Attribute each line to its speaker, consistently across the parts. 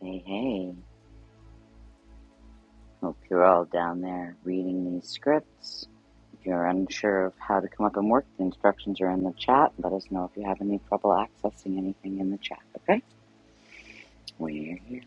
Speaker 1: Hey, hey. Hope you're all down there reading these scripts. If you're unsure of how to come up and work, the instructions are in the chat. Let us know if you have any trouble accessing anything in the chat, okay? We're here.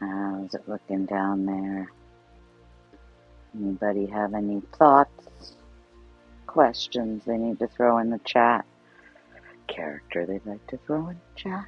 Speaker 1: How's it looking down there? Anybody have any thoughts, questions they need to throw in the chat? Character they'd like to throw in the chat?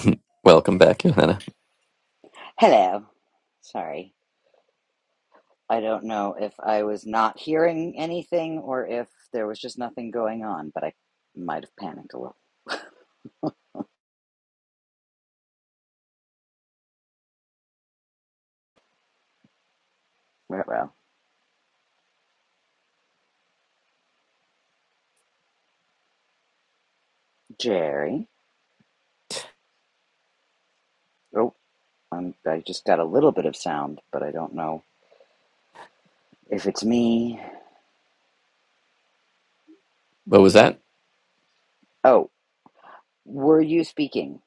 Speaker 2: Welcome back, Johanna.
Speaker 1: Hello. Sorry. I don't know if I was not hearing anything or if there was just nothing going on, but I might have panicked a little. Well, well, Jerry. Oh, um, I just got a little bit of sound, but I don't know if it's me.
Speaker 2: What was that?
Speaker 1: Oh, were you speaking?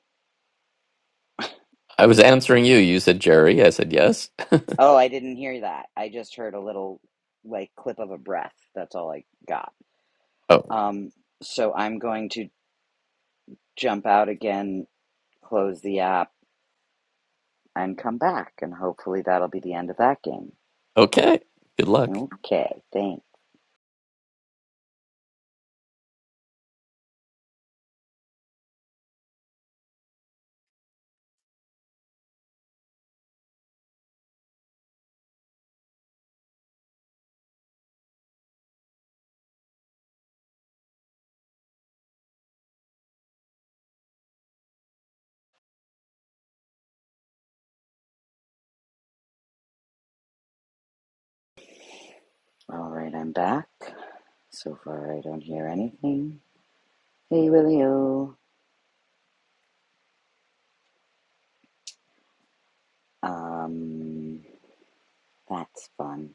Speaker 2: I was answering you. You said Jerry. I said yes.
Speaker 1: Oh, I didn't hear that. I just heard a little like clip of a breath. That's all I got.
Speaker 2: Oh,
Speaker 1: Um, so I'm going to jump out again, close the app, and come back, and hopefully that'll be the end of that game.
Speaker 2: okay. Good luck.
Speaker 1: Okay, thanks. All right, I'm back. So far, I don't hear anything. Hey, Willio. Um. That's fun.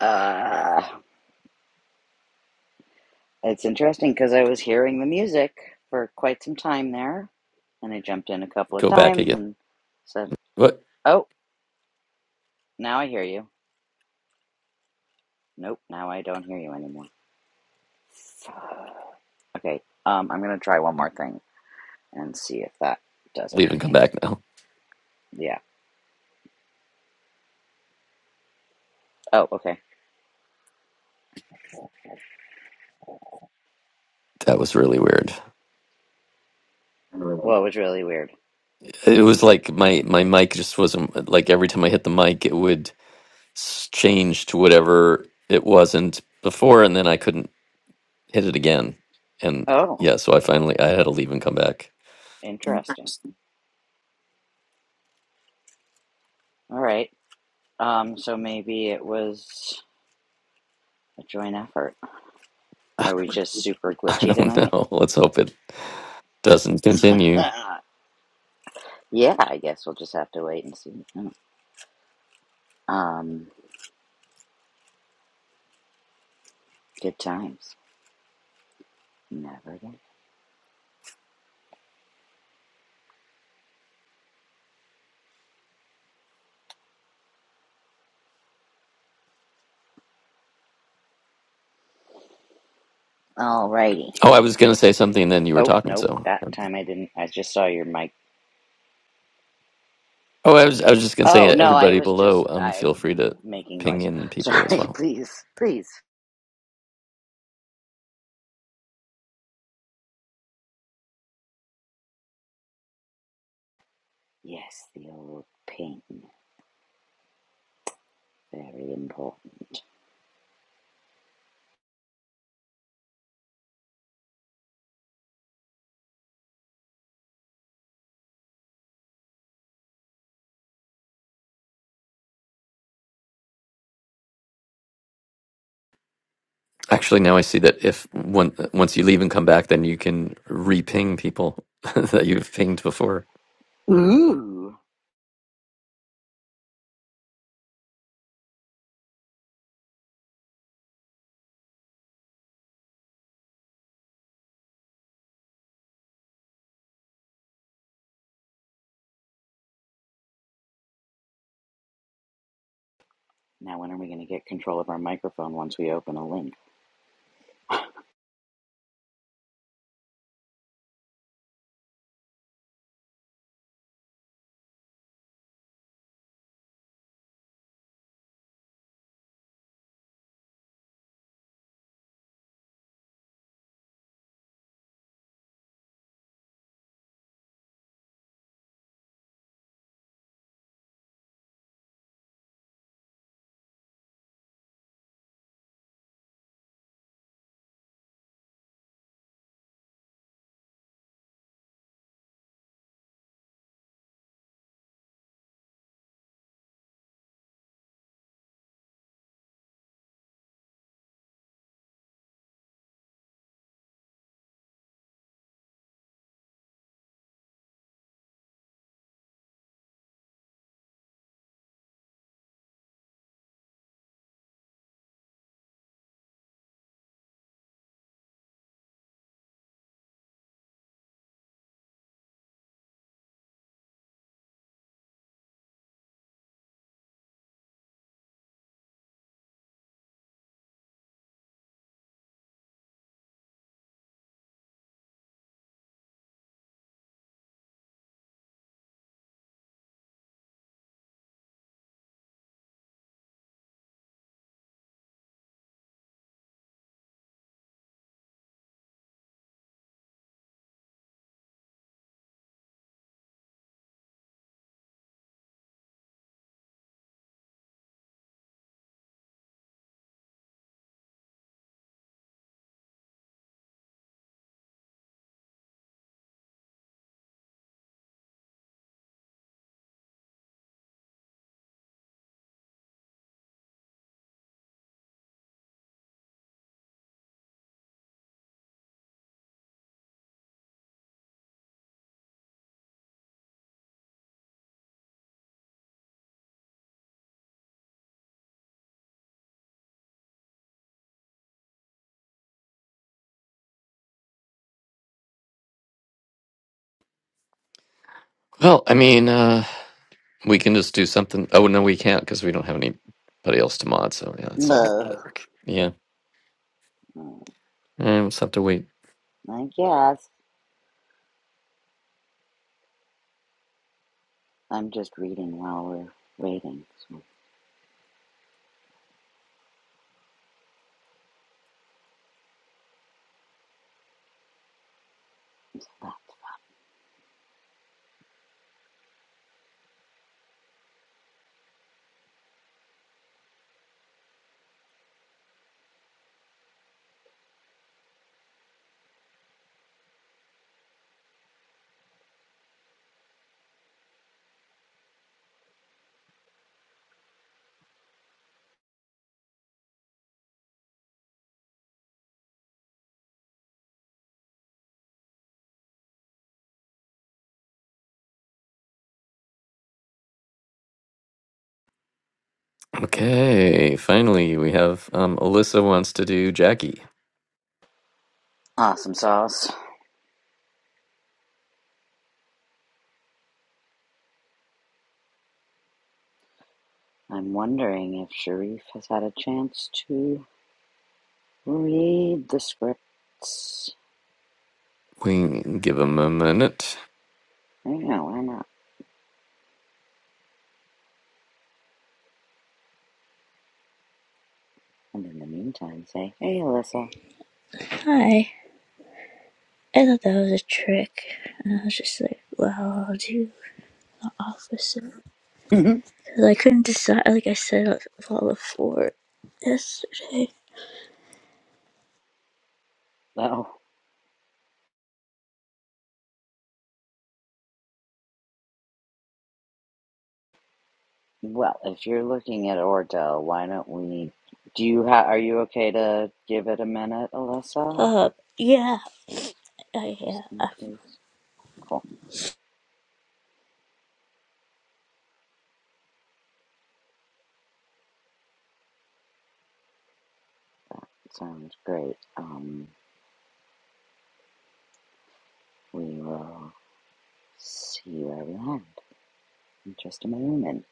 Speaker 1: Uh, it's interesting because I was hearing the music for quite some time there, and I jumped in a couple of
Speaker 2: Go back
Speaker 1: times
Speaker 2: again.
Speaker 1: and said,
Speaker 2: What?
Speaker 1: "Oh, now I hear you." Nope, now I don't hear you anymore. Okay, um, I'm gonna try one more thing and see if that does it.
Speaker 2: Leave and come
Speaker 1: Hang on.
Speaker 2: back now.
Speaker 1: Yeah. Oh, okay.
Speaker 2: That was really weird.
Speaker 1: Well, it was really weird.
Speaker 2: It was like my my mic just wasn't like every time I hit the mic, it would s- change to whatever it wasn't before, and then I couldn't hit it again. And
Speaker 1: Oh,
Speaker 2: yeah, so I finally I had to leave and come back.
Speaker 1: interesting. All right. Um, so maybe it was a joint effort. Are we just super
Speaker 2: I
Speaker 1: glitchy
Speaker 2: don't
Speaker 1: tonight?
Speaker 2: know. Let's hope it doesn't continue.
Speaker 1: Yeah, I guess we'll just have to wait and see. Oh, Um, good times. Never again. Alrighty.
Speaker 2: Oh, I was going to say something, and then you were
Speaker 1: Oh,
Speaker 2: talking.
Speaker 1: nope.
Speaker 2: So.
Speaker 1: That time I didn't. I just saw your mic.
Speaker 2: Oh, I was I was just gonna say,
Speaker 1: Oh,
Speaker 2: uh,
Speaker 1: no, I
Speaker 2: everybody
Speaker 1: was just.
Speaker 2: below, um, feel free
Speaker 1: I'm
Speaker 2: to
Speaker 1: making
Speaker 2: ping
Speaker 1: noise.
Speaker 2: in people as
Speaker 1: Sorry,
Speaker 2: well.
Speaker 1: please. Please. Yes, the old pain. Very important.
Speaker 2: Actually, now I see that if one, once you leave and come back, then you can re-ping people that you've pinged before.
Speaker 1: Ooh. Now, when are we going to get control of our microphone once we open a link?
Speaker 2: Well, I mean, uh, we can just do something. Oh no, we can't because we don't have anybody else to mod. So yeah, that's not
Speaker 1: Buh.
Speaker 2: gonna work. Yeah,
Speaker 1: Mm,
Speaker 2: I just have to wait.
Speaker 1: I guess. I'm just reading while we're waiting. So. ah.
Speaker 2: Okay, finally we have um, Alyssa wants to do Jackie.
Speaker 1: Awesome sauce. I'm wondering if Sharif has had a chance to read the scripts.
Speaker 2: We give him a minute.
Speaker 1: Yeah, why not? And in the meantime, say, hey, Alyssa.
Speaker 3: Hi. I thought that was a trick. And I was just like, well, I'll do the opposite. Because I couldn't decide, like I said, I was four yesterday.
Speaker 1: oh, well, if you're looking at Ordo, why don't we? Do you ha- Are you okay to give it a minute, Alyssa?
Speaker 3: Uh, yeah, I, yeah.
Speaker 1: Just in case. Cool. Sounds great. Um, we will see where we land in just a moment.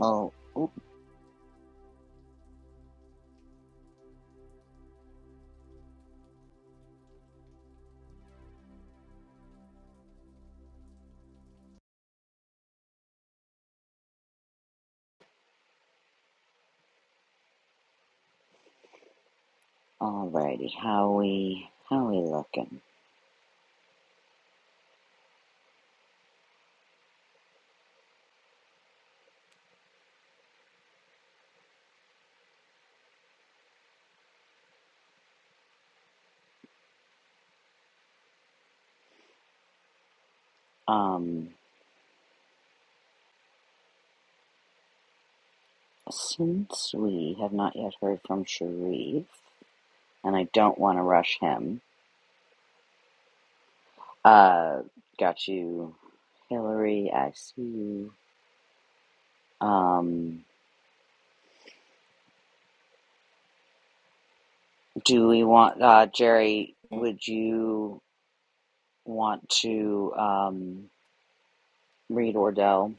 Speaker 1: Oh, oop. alrighty. How we? How we looking? Um, since we have not yet heard from Sharif, and I don't want to rush him, uh, got you, Hillary. I see you. Um, do we want uh, Jerry? Would you want to um, read Ordell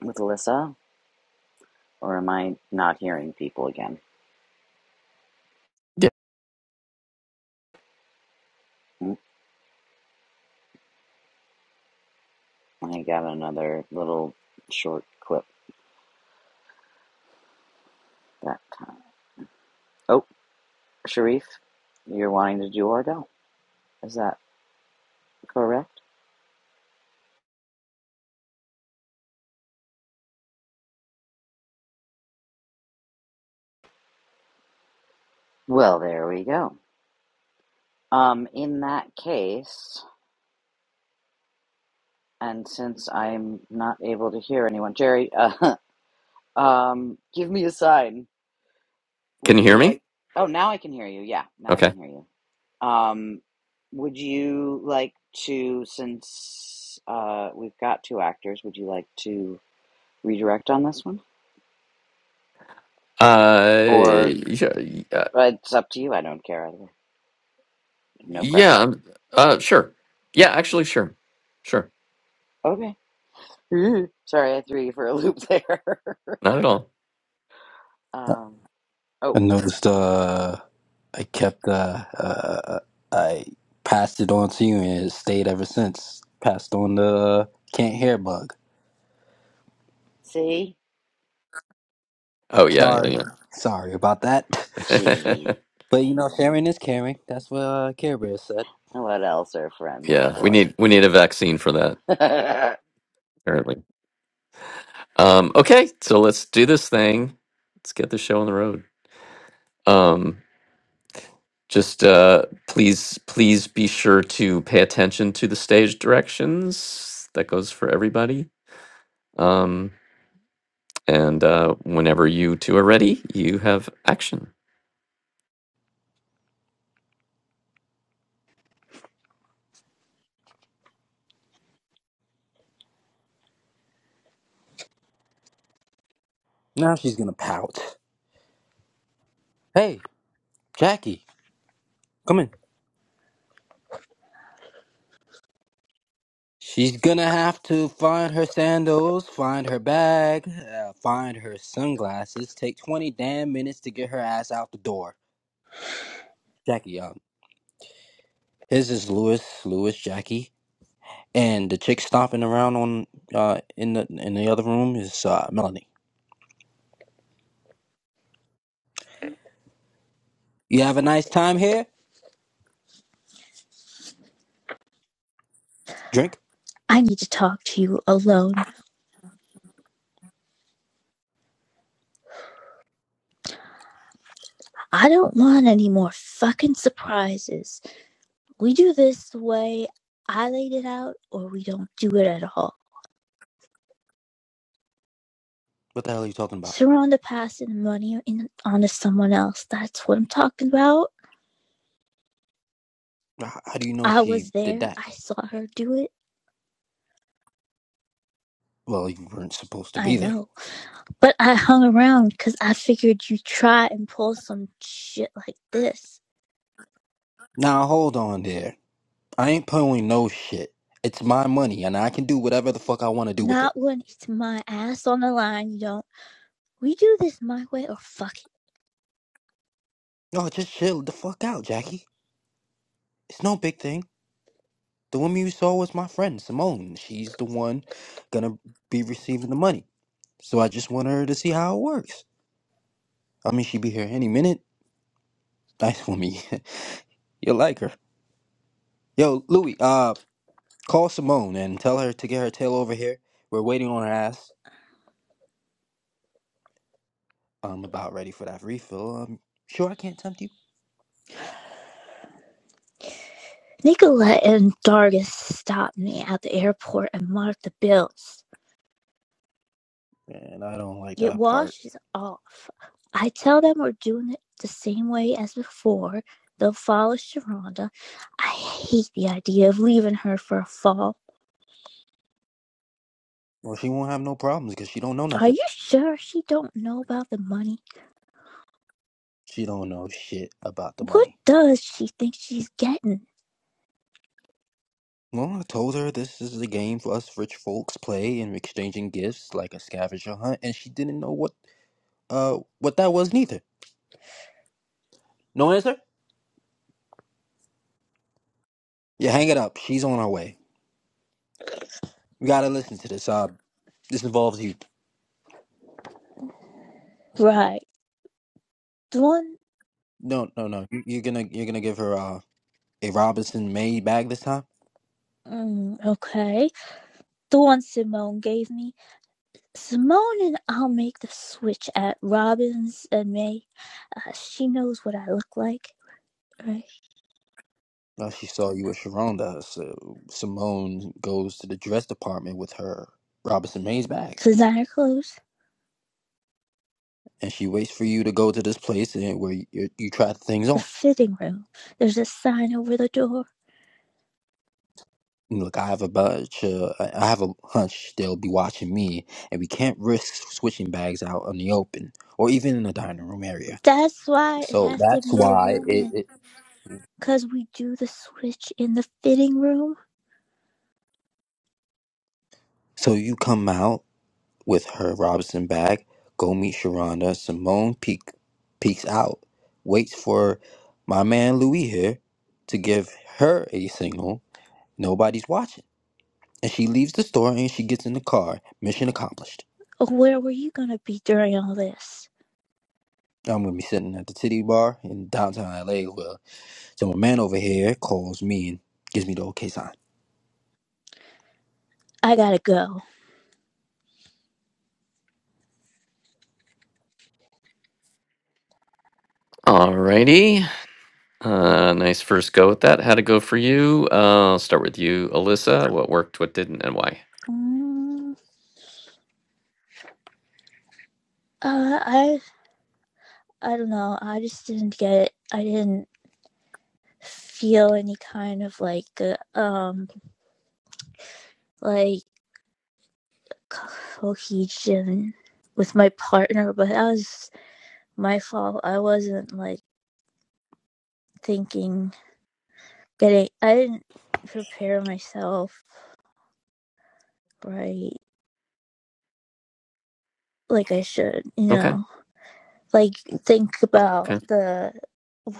Speaker 1: with Alyssa, or am I not hearing people again?
Speaker 2: Yeah,
Speaker 1: Hmm, I got another little short clip that time. Oh, Sharif, you're wanting to do Ordell? Is that correct? Well, there we go. Um, in that case, and since I'm not able to hear anyone, Jerry, uh, um, give me a sign.
Speaker 2: can
Speaker 1: Would
Speaker 2: you hear
Speaker 1: you
Speaker 2: me?
Speaker 1: like? Oh, now I can hear you. Yeah, now I
Speaker 2: Okay.
Speaker 1: can hear you. Um, would you like to, since uh, we've got two actors, would you like to redirect on this one?
Speaker 2: Uh,
Speaker 1: Or
Speaker 2: yeah, yeah,
Speaker 1: uh, it's up to you. I don't care either. way. No
Speaker 2: Yeah.
Speaker 1: pressure.
Speaker 2: um, Uh, sure. Yeah, actually, sure. Sure.
Speaker 1: Okay. Sorry, I threw you for a loop there.
Speaker 2: Not at all.
Speaker 1: um,
Speaker 4: I
Speaker 1: oh,
Speaker 4: noticed uh, I kept uh, uh, I passed it on to you, and it stayed ever since. Passed on the can't hear bug.
Speaker 1: see?
Speaker 2: Oh yeah,
Speaker 4: Sorry,
Speaker 2: yeah,
Speaker 4: sorry about that.
Speaker 2: yeah.
Speaker 1: Gee,
Speaker 4: But you know, sharing is caring. That's what uh, Care Bear said.
Speaker 1: what else are friends
Speaker 2: yeah. We
Speaker 1: for?
Speaker 2: need we need a vaccine for that, apparently. Um, okay, so let's do this thing. Let's get the show on the road. Um, just uh, please, please be sure to pay attention to the stage directions. That goes for everybody. Um, and uh, whenever you two are ready, you have action.
Speaker 4: Now she's gonna pout. Hey, Jackie, come in. She's gonna have to find her sandals, find her bag, uh, find her sunglasses. Take twenty damn minutes to get her ass out the door. Jackie, um, his is Lewis, Lewis, Jackie. and the chick stomping around on uh in the in the other room is uh Melanie. You have a nice time here. Drink.
Speaker 3: I need to talk to you alone. I don't want any more fucking surprises. We do this the way I laid it out, or we don't do it at all.
Speaker 4: What the hell are you talking about?
Speaker 3: Surround the past and the money in, onto someone else. That's what I'm talking about.
Speaker 4: H- How do you know
Speaker 3: I
Speaker 4: she
Speaker 3: was
Speaker 4: did
Speaker 3: there.
Speaker 4: that?
Speaker 3: I saw her do it.
Speaker 4: Well, you weren't supposed to
Speaker 3: I
Speaker 4: be there.
Speaker 3: know. But I hung around because I figured you'd try and pull some shit like this.
Speaker 4: Now hold on there. I ain't pulling no shit. It's my money, and I can do whatever the fuck I want to do with it.
Speaker 3: Not when it's my ass on the line, you don't. We do this my way or fuck it.
Speaker 4: No, just chill the fuck out, Jackie. It's no big thing. The woman you saw was my friend Simone. She's the one gonna be receiving the money. So I just want her to see how it works. I mean, she'd be here any minute. Nice for me. You'll like her. Yo, Louis, uh, call Simone and tell her to get her tail over here. We're waiting on her ass. I'm about ready for that refill. Um, sure I can't tempt you?
Speaker 3: Nicolette and Dargis stopped me at the airport and marked the bills.
Speaker 4: And I don't like
Speaker 3: It
Speaker 4: that part.
Speaker 3: washes off. I tell them we're doing it the same way as before. They'll follow Sharonda. I hate the idea of leaving her for a fall.
Speaker 4: Well, she won't have no problems because she don't know
Speaker 3: Are
Speaker 4: nothing.
Speaker 3: you sure she don't know about the money?
Speaker 4: She don't know shit about the
Speaker 3: What
Speaker 4: money.
Speaker 3: does she think she's getting?
Speaker 4: Well, I told her this is a game for us rich folks play in exchanging gifts like a scavenger hunt, and she didn't know what uh what that was neither. No answer? Yeah, hang it up. She's on her way. We gotta listen to this. Uh, this involves you.
Speaker 3: Right. Dawn.
Speaker 4: No, no, no. You, you're gonna you're gonna give her uh, a Robinson May bag this time.
Speaker 3: Mm, okay. the one Simone gave me. Simone and I'll make the switch at Robbins and May. Uh, she knows what I look like. Right.
Speaker 4: Well, she saw you with Sharonda, so Simone goes to the dress department with her Robinson Mays bag,
Speaker 3: Designer clothes.
Speaker 4: and she waits for you to go to this place and where you, you try things
Speaker 3: The
Speaker 4: on.
Speaker 3: fitting room. There's a sign over the door.
Speaker 4: Look, I have a bunch. Uh, I I have a hunch they'll be watching me, and we can't risk switching bags out in the open or even in the dining room area.
Speaker 3: That's why it
Speaker 4: So
Speaker 3: has to
Speaker 4: that's
Speaker 3: be a
Speaker 4: why it.
Speaker 3: woman.
Speaker 4: it
Speaker 3: Because we do the switch in the fitting room.
Speaker 4: so you come out with her Robinson bag, go meet Sharonda. Simone peek, peeks out, waits for my man Louis here to give her a signal. Nobody's watching. And she leaves the store and she gets in the car. Mission accomplished.
Speaker 3: Oh, where were you going to be during all this?
Speaker 4: I'm gonna be sitting at the titty bar in downtown LA. Well, so my man over here calls me and gives me the okay sign.
Speaker 3: I gotta go.
Speaker 2: Alrighty. Uh, nice first go with that. How'd it go for you? Uh, I'll start with you, Alyssa. Sure. What worked, what didn't, and why?
Speaker 3: Mm, uh, I I don't know. I just didn't get it. I didn't feel any kind of like uh, um like cohesion with my partner, but that was my fault. I wasn't like thinking getting I didn't prepare myself right like I should, you
Speaker 2: Okay.
Speaker 3: know. Like think
Speaker 2: Oh,
Speaker 3: about
Speaker 2: okay.
Speaker 3: the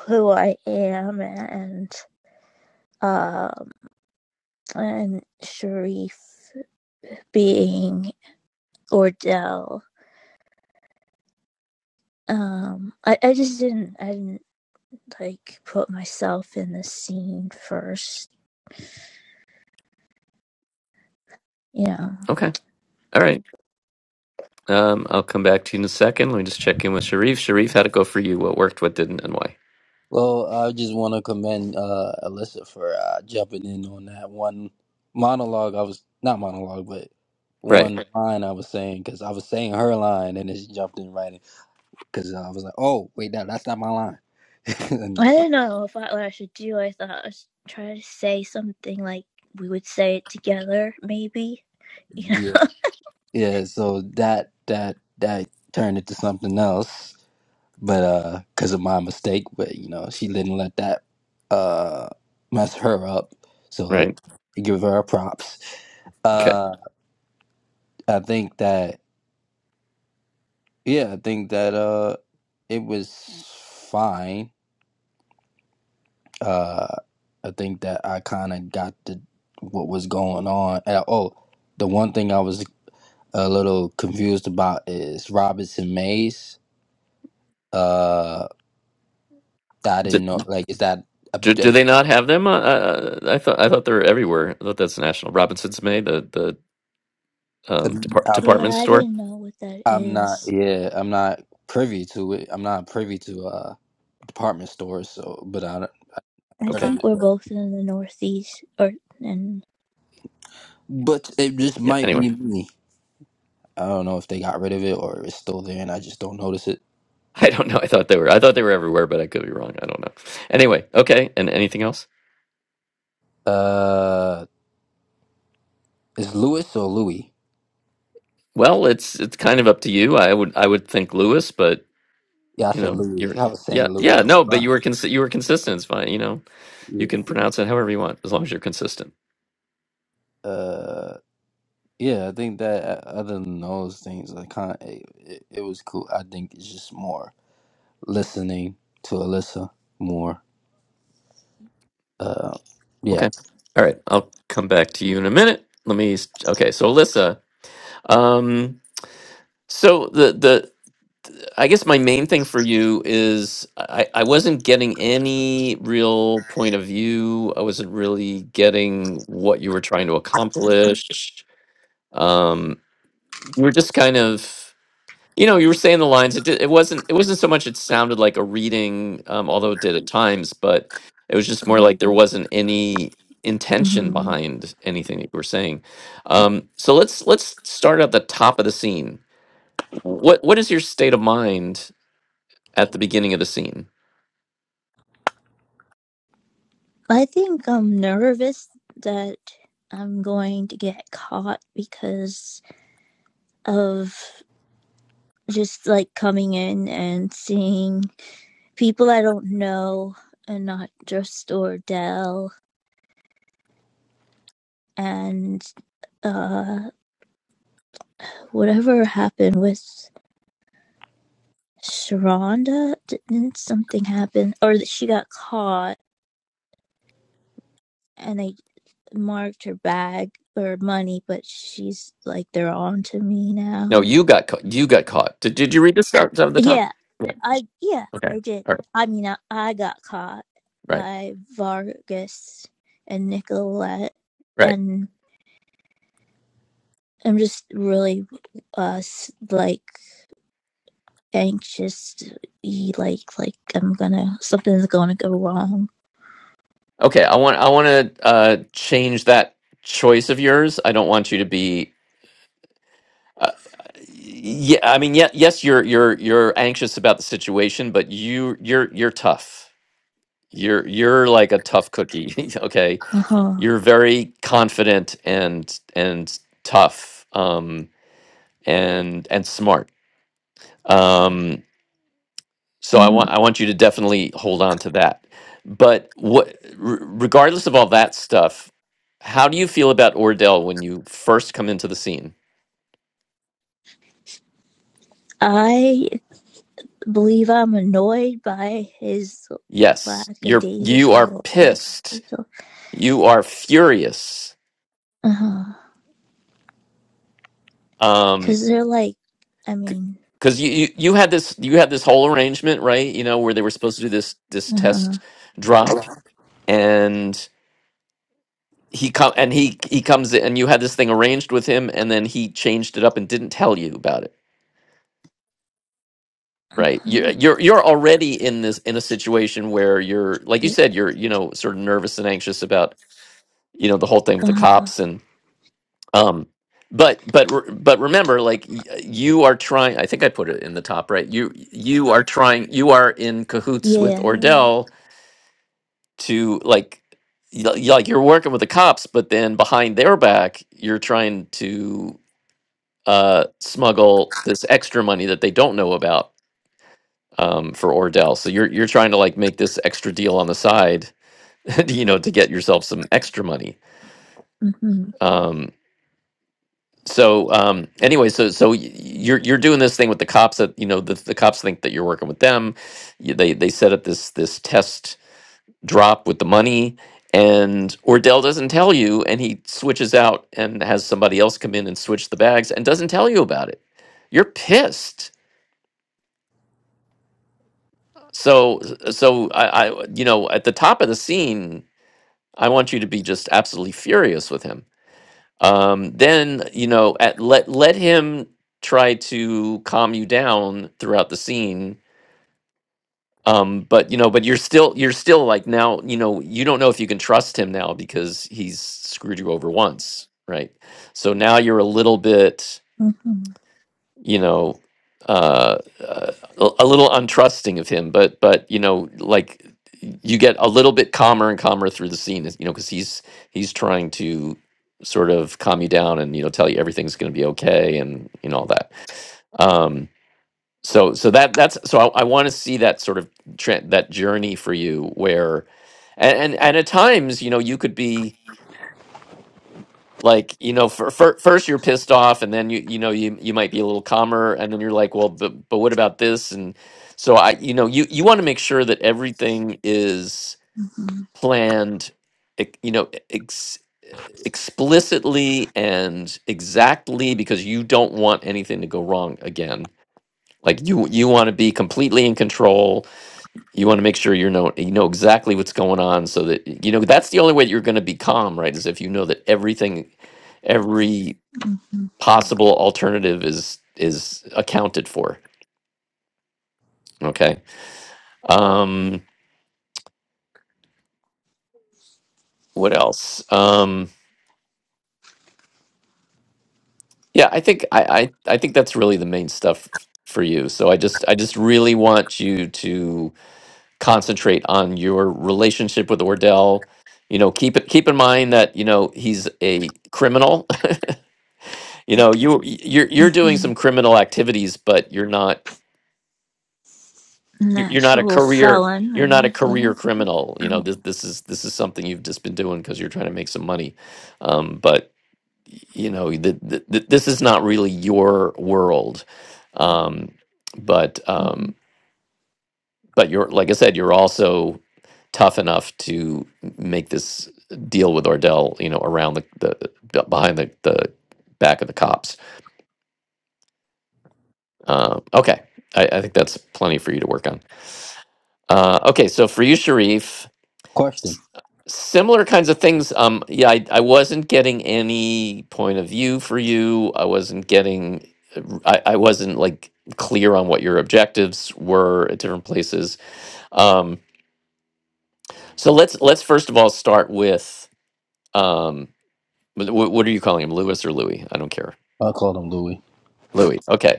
Speaker 3: who I am and uh and Sharif being Ordell um I, I just didn't i didn't like put myself in the scene first you know
Speaker 2: Okay. All right. Um, I'll come back to you in a second. Let me just check in with Sharif. Sharif, how'd it go for you? What worked, what didn't, and why?
Speaker 4: Well, I just want to commend uh, Alyssa for uh, jumping in on that one monologue. I was not monologue, but
Speaker 2: Right.
Speaker 4: one line I was saying because I was saying her line and then she jumped in right in because I was like, "Oh, wait, no, that's not my line." and
Speaker 3: i
Speaker 4: so,
Speaker 3: didn't know if I, what i should do i thought i was trying to say something like we would say it together maybe you
Speaker 4: yeah,
Speaker 3: know
Speaker 4: yeah. So that that that turned into something else, but because of my mistake. But you know, she didn't let that uh, mess her up. So
Speaker 2: Right.
Speaker 4: I give her props.
Speaker 2: Okay.
Speaker 4: Uh, I think that. Yeah, I think that uh it was fine. Uh I think that I kind of got the what was going on. And, oh, the one thing I was a little confused about is Robinson Mays. Uh I
Speaker 2: Do,
Speaker 4: didn't know like is that uh,
Speaker 2: do, do
Speaker 4: that-
Speaker 2: they not have them? Uh, uh, uh, I thought I thought they were everywhere. I thought that's national. Robinson's May, the the um, depart,
Speaker 4: I'm
Speaker 2: department
Speaker 3: yeah i
Speaker 2: store.
Speaker 3: didn't know what that
Speaker 4: I'm not
Speaker 3: is
Speaker 4: yeah, I'm not privy to it. I'm not privy to uh department stores, so but I don't
Speaker 3: i
Speaker 4: heard
Speaker 2: Okay.
Speaker 4: of
Speaker 3: think
Speaker 4: it.
Speaker 3: we're both in the northeast or and
Speaker 4: But it just
Speaker 2: Yeah.
Speaker 4: might be
Speaker 2: Anyway,
Speaker 4: me. I don't know if they got rid of it or it's still there and I just don't notice it.
Speaker 2: I don't know. I thought they were. I thought they were everywhere, but I could be wrong. I don't know. Anyway. Okay. And anything else?
Speaker 4: Uh, is Lewis or Louis?
Speaker 2: Well, it's it's kind of up to you. I would I would think Lewis, but
Speaker 4: Yeah, I
Speaker 2: you
Speaker 4: said
Speaker 2: know,
Speaker 4: Louis.
Speaker 2: you're
Speaker 4: I was saying
Speaker 2: yeah,
Speaker 4: Louis
Speaker 2: yeah,
Speaker 4: though.
Speaker 2: no,
Speaker 4: Huh?
Speaker 2: but you were cons- you were consistent. It's fine. You know, you
Speaker 4: Yeah.
Speaker 2: can pronounce it however you want as long as you're consistent.
Speaker 4: Uh, yeah, I think that uh, other than those things, I kind it, it, it was cool. I think it's just more listening to Alyssa more. Uh, yeah.
Speaker 2: Okay. All right. I'll come back to you in a minute. Let me. Okay. So Alyssa, um, so the the I guess my main thing for you is I I wasn't getting any real point of view. I wasn't really getting what you were trying to accomplish. Um, you were just kind of. You know, you were saying the lines. It did, it wasn't it wasn't so much it sounded like a reading, um, although it did at times, but it was just more like there wasn't any intention
Speaker 3: mhm.
Speaker 2: behind anything that you were saying. Um, so let's let's start at the top of the scene. What what is your state of mind at the beginning of the scene?
Speaker 3: i think i'm nervous that i'm going to get caught because of just like coming in and seeing people I don't know and not just Ordell and uh whatever happened with Sharonda didn't something happen or that she got caught and they marked her bag or money but she's like they're on to me
Speaker 2: No,
Speaker 3: now
Speaker 2: you got caught. You got caught. Did, did you read the start of the top?
Speaker 3: yeah
Speaker 2: Right.
Speaker 3: I yeah
Speaker 2: Okay.
Speaker 3: I did
Speaker 2: All right.
Speaker 3: I mean I, I got caught
Speaker 2: Right.
Speaker 3: by Vargas and Nicolette
Speaker 2: Right.
Speaker 3: and I'm just really uh like anxious, like like I'm gonna something's gonna go wrong.
Speaker 2: Okay. I want. I want to uh, change that choice of yours. I don't want you to be. Uh, yeah. I mean, yeah, yes. You're. You're. You're anxious about the situation, but you. You're. You're tough. You're. You're like a tough cookie. okay.
Speaker 3: Uh huh.
Speaker 2: You're very confident and and tough. Um. And and smart. Um. So I
Speaker 3: hmm
Speaker 2: want I want you to definitely hold on to that. But what, r- regardless of all that stuff, how do you feel about Ordell when you first come into the scene?
Speaker 3: I believe I'm annoyed by his
Speaker 2: Yes, you're you are
Speaker 3: lackadaisical,
Speaker 2: pissed.
Speaker 3: lackadaisical.
Speaker 2: You are furious.
Speaker 3: Uh huh.
Speaker 2: Um,
Speaker 3: Because they're like, I mean,
Speaker 2: because you, you you had this you had this whole arrangement, right? You know where they were supposed to do this this
Speaker 3: uh huh,
Speaker 2: test drop, and he come and he he comes in, and you had this thing arranged with him, and then he changed it up and didn't tell you about it
Speaker 3: uh
Speaker 2: Right. You,
Speaker 3: huh,
Speaker 2: you're you're already in this in a situation where you're like you said you're you know sort of nervous and anxious about you know the whole thing with
Speaker 3: uh
Speaker 2: the
Speaker 3: huh.
Speaker 2: cops and um but but re- but remember like y- you are trying I think I put it in the top right you you are trying you are in cahoots with
Speaker 3: Yeah.
Speaker 2: Ordell to like y- y- like you're working with the cops but then behind their back you're trying to uh smuggle this extra money that they don't know about um, for Ordell. So you're you're trying to like make this extra deal on the side, you know, to get yourself some extra money.
Speaker 3: Mm-hmm.
Speaker 2: Um, so um, anyway, so so y- you're you're doing this thing with the cops that you know the, the cops think that you're working with them. You, they they set up this this test drop with the money, and Ordell doesn't tell you, and he switches out and has somebody else come in and switch the bags and doesn't tell you about it. You're pissed. So so I, I you know at the top of the scene I want you to be just absolutely furious with him. Um, then you know, at, let let him try to calm you down throughout the scene. Um, but you know, but you're still you're still like now you know you don't know if you can trust him now because he's screwed you over once, right? So now you're a little bit
Speaker 3: Mm-hmm.
Speaker 2: you know uh, uh a a little untrusting of him but but you know like you get a little bit calmer and calmer through the scene you know because he's he's trying to sort of calm you down and you know tell you everything's going to be okay and you know all that um so so that that's so i, I want to see that sort of tra- that journey for you where and, and and at times you know you could be like you know for, for, first you're pissed off and then you you know you you might be a little calmer and then you're like well but, but what about this and so i you know you you want to make sure that everything is
Speaker 3: Mm-hmm.
Speaker 2: planned ex- you know e, ex, explicitly and exactly because you don't want anything to go wrong again like you you want to be completely in control you want to make sure you know you know exactly what's going on so that you know that's the only way you're going to be calm right is if you know that everything every
Speaker 3: Mm-hmm.
Speaker 2: possible alternative is is accounted for okay um what else um yeah i think i i, I think that's really the main stuff for you so i just i just really want you to concentrate on your relationship with ordell you know keep it keep in mind that you know he's a criminal you know you you're, you're doing
Speaker 3: Mm-hmm.
Speaker 2: some criminal activities but you're not
Speaker 3: An
Speaker 2: you- you're not a
Speaker 3: actual
Speaker 2: career
Speaker 3: felon or
Speaker 2: you're not a career
Speaker 3: anything.
Speaker 2: criminal you
Speaker 3: Mm-hmm.
Speaker 2: know this this is this is something you've just been doing because you're trying to make some money um but you know th th th- this is not really your world um but
Speaker 3: Mm-hmm.
Speaker 2: um but you're like i said you're also tough enough to make this deal with ordell you know around the the the- behind the the back of the cops um okay i i think that's plenty for you to work on uh okay so for you sharif
Speaker 4: Question.
Speaker 2: Similar kinds of things. Um, yeah, I, I wasn't getting any point of view for you. I wasn't getting, I r- I, I wasn't like clear on what your objectives were at different places. Um, so let's let's first of all start with um, wh- wh- what are you calling him, Lewis or Louis? I don't care.
Speaker 4: I called him Louis.
Speaker 2: Louis. Okay.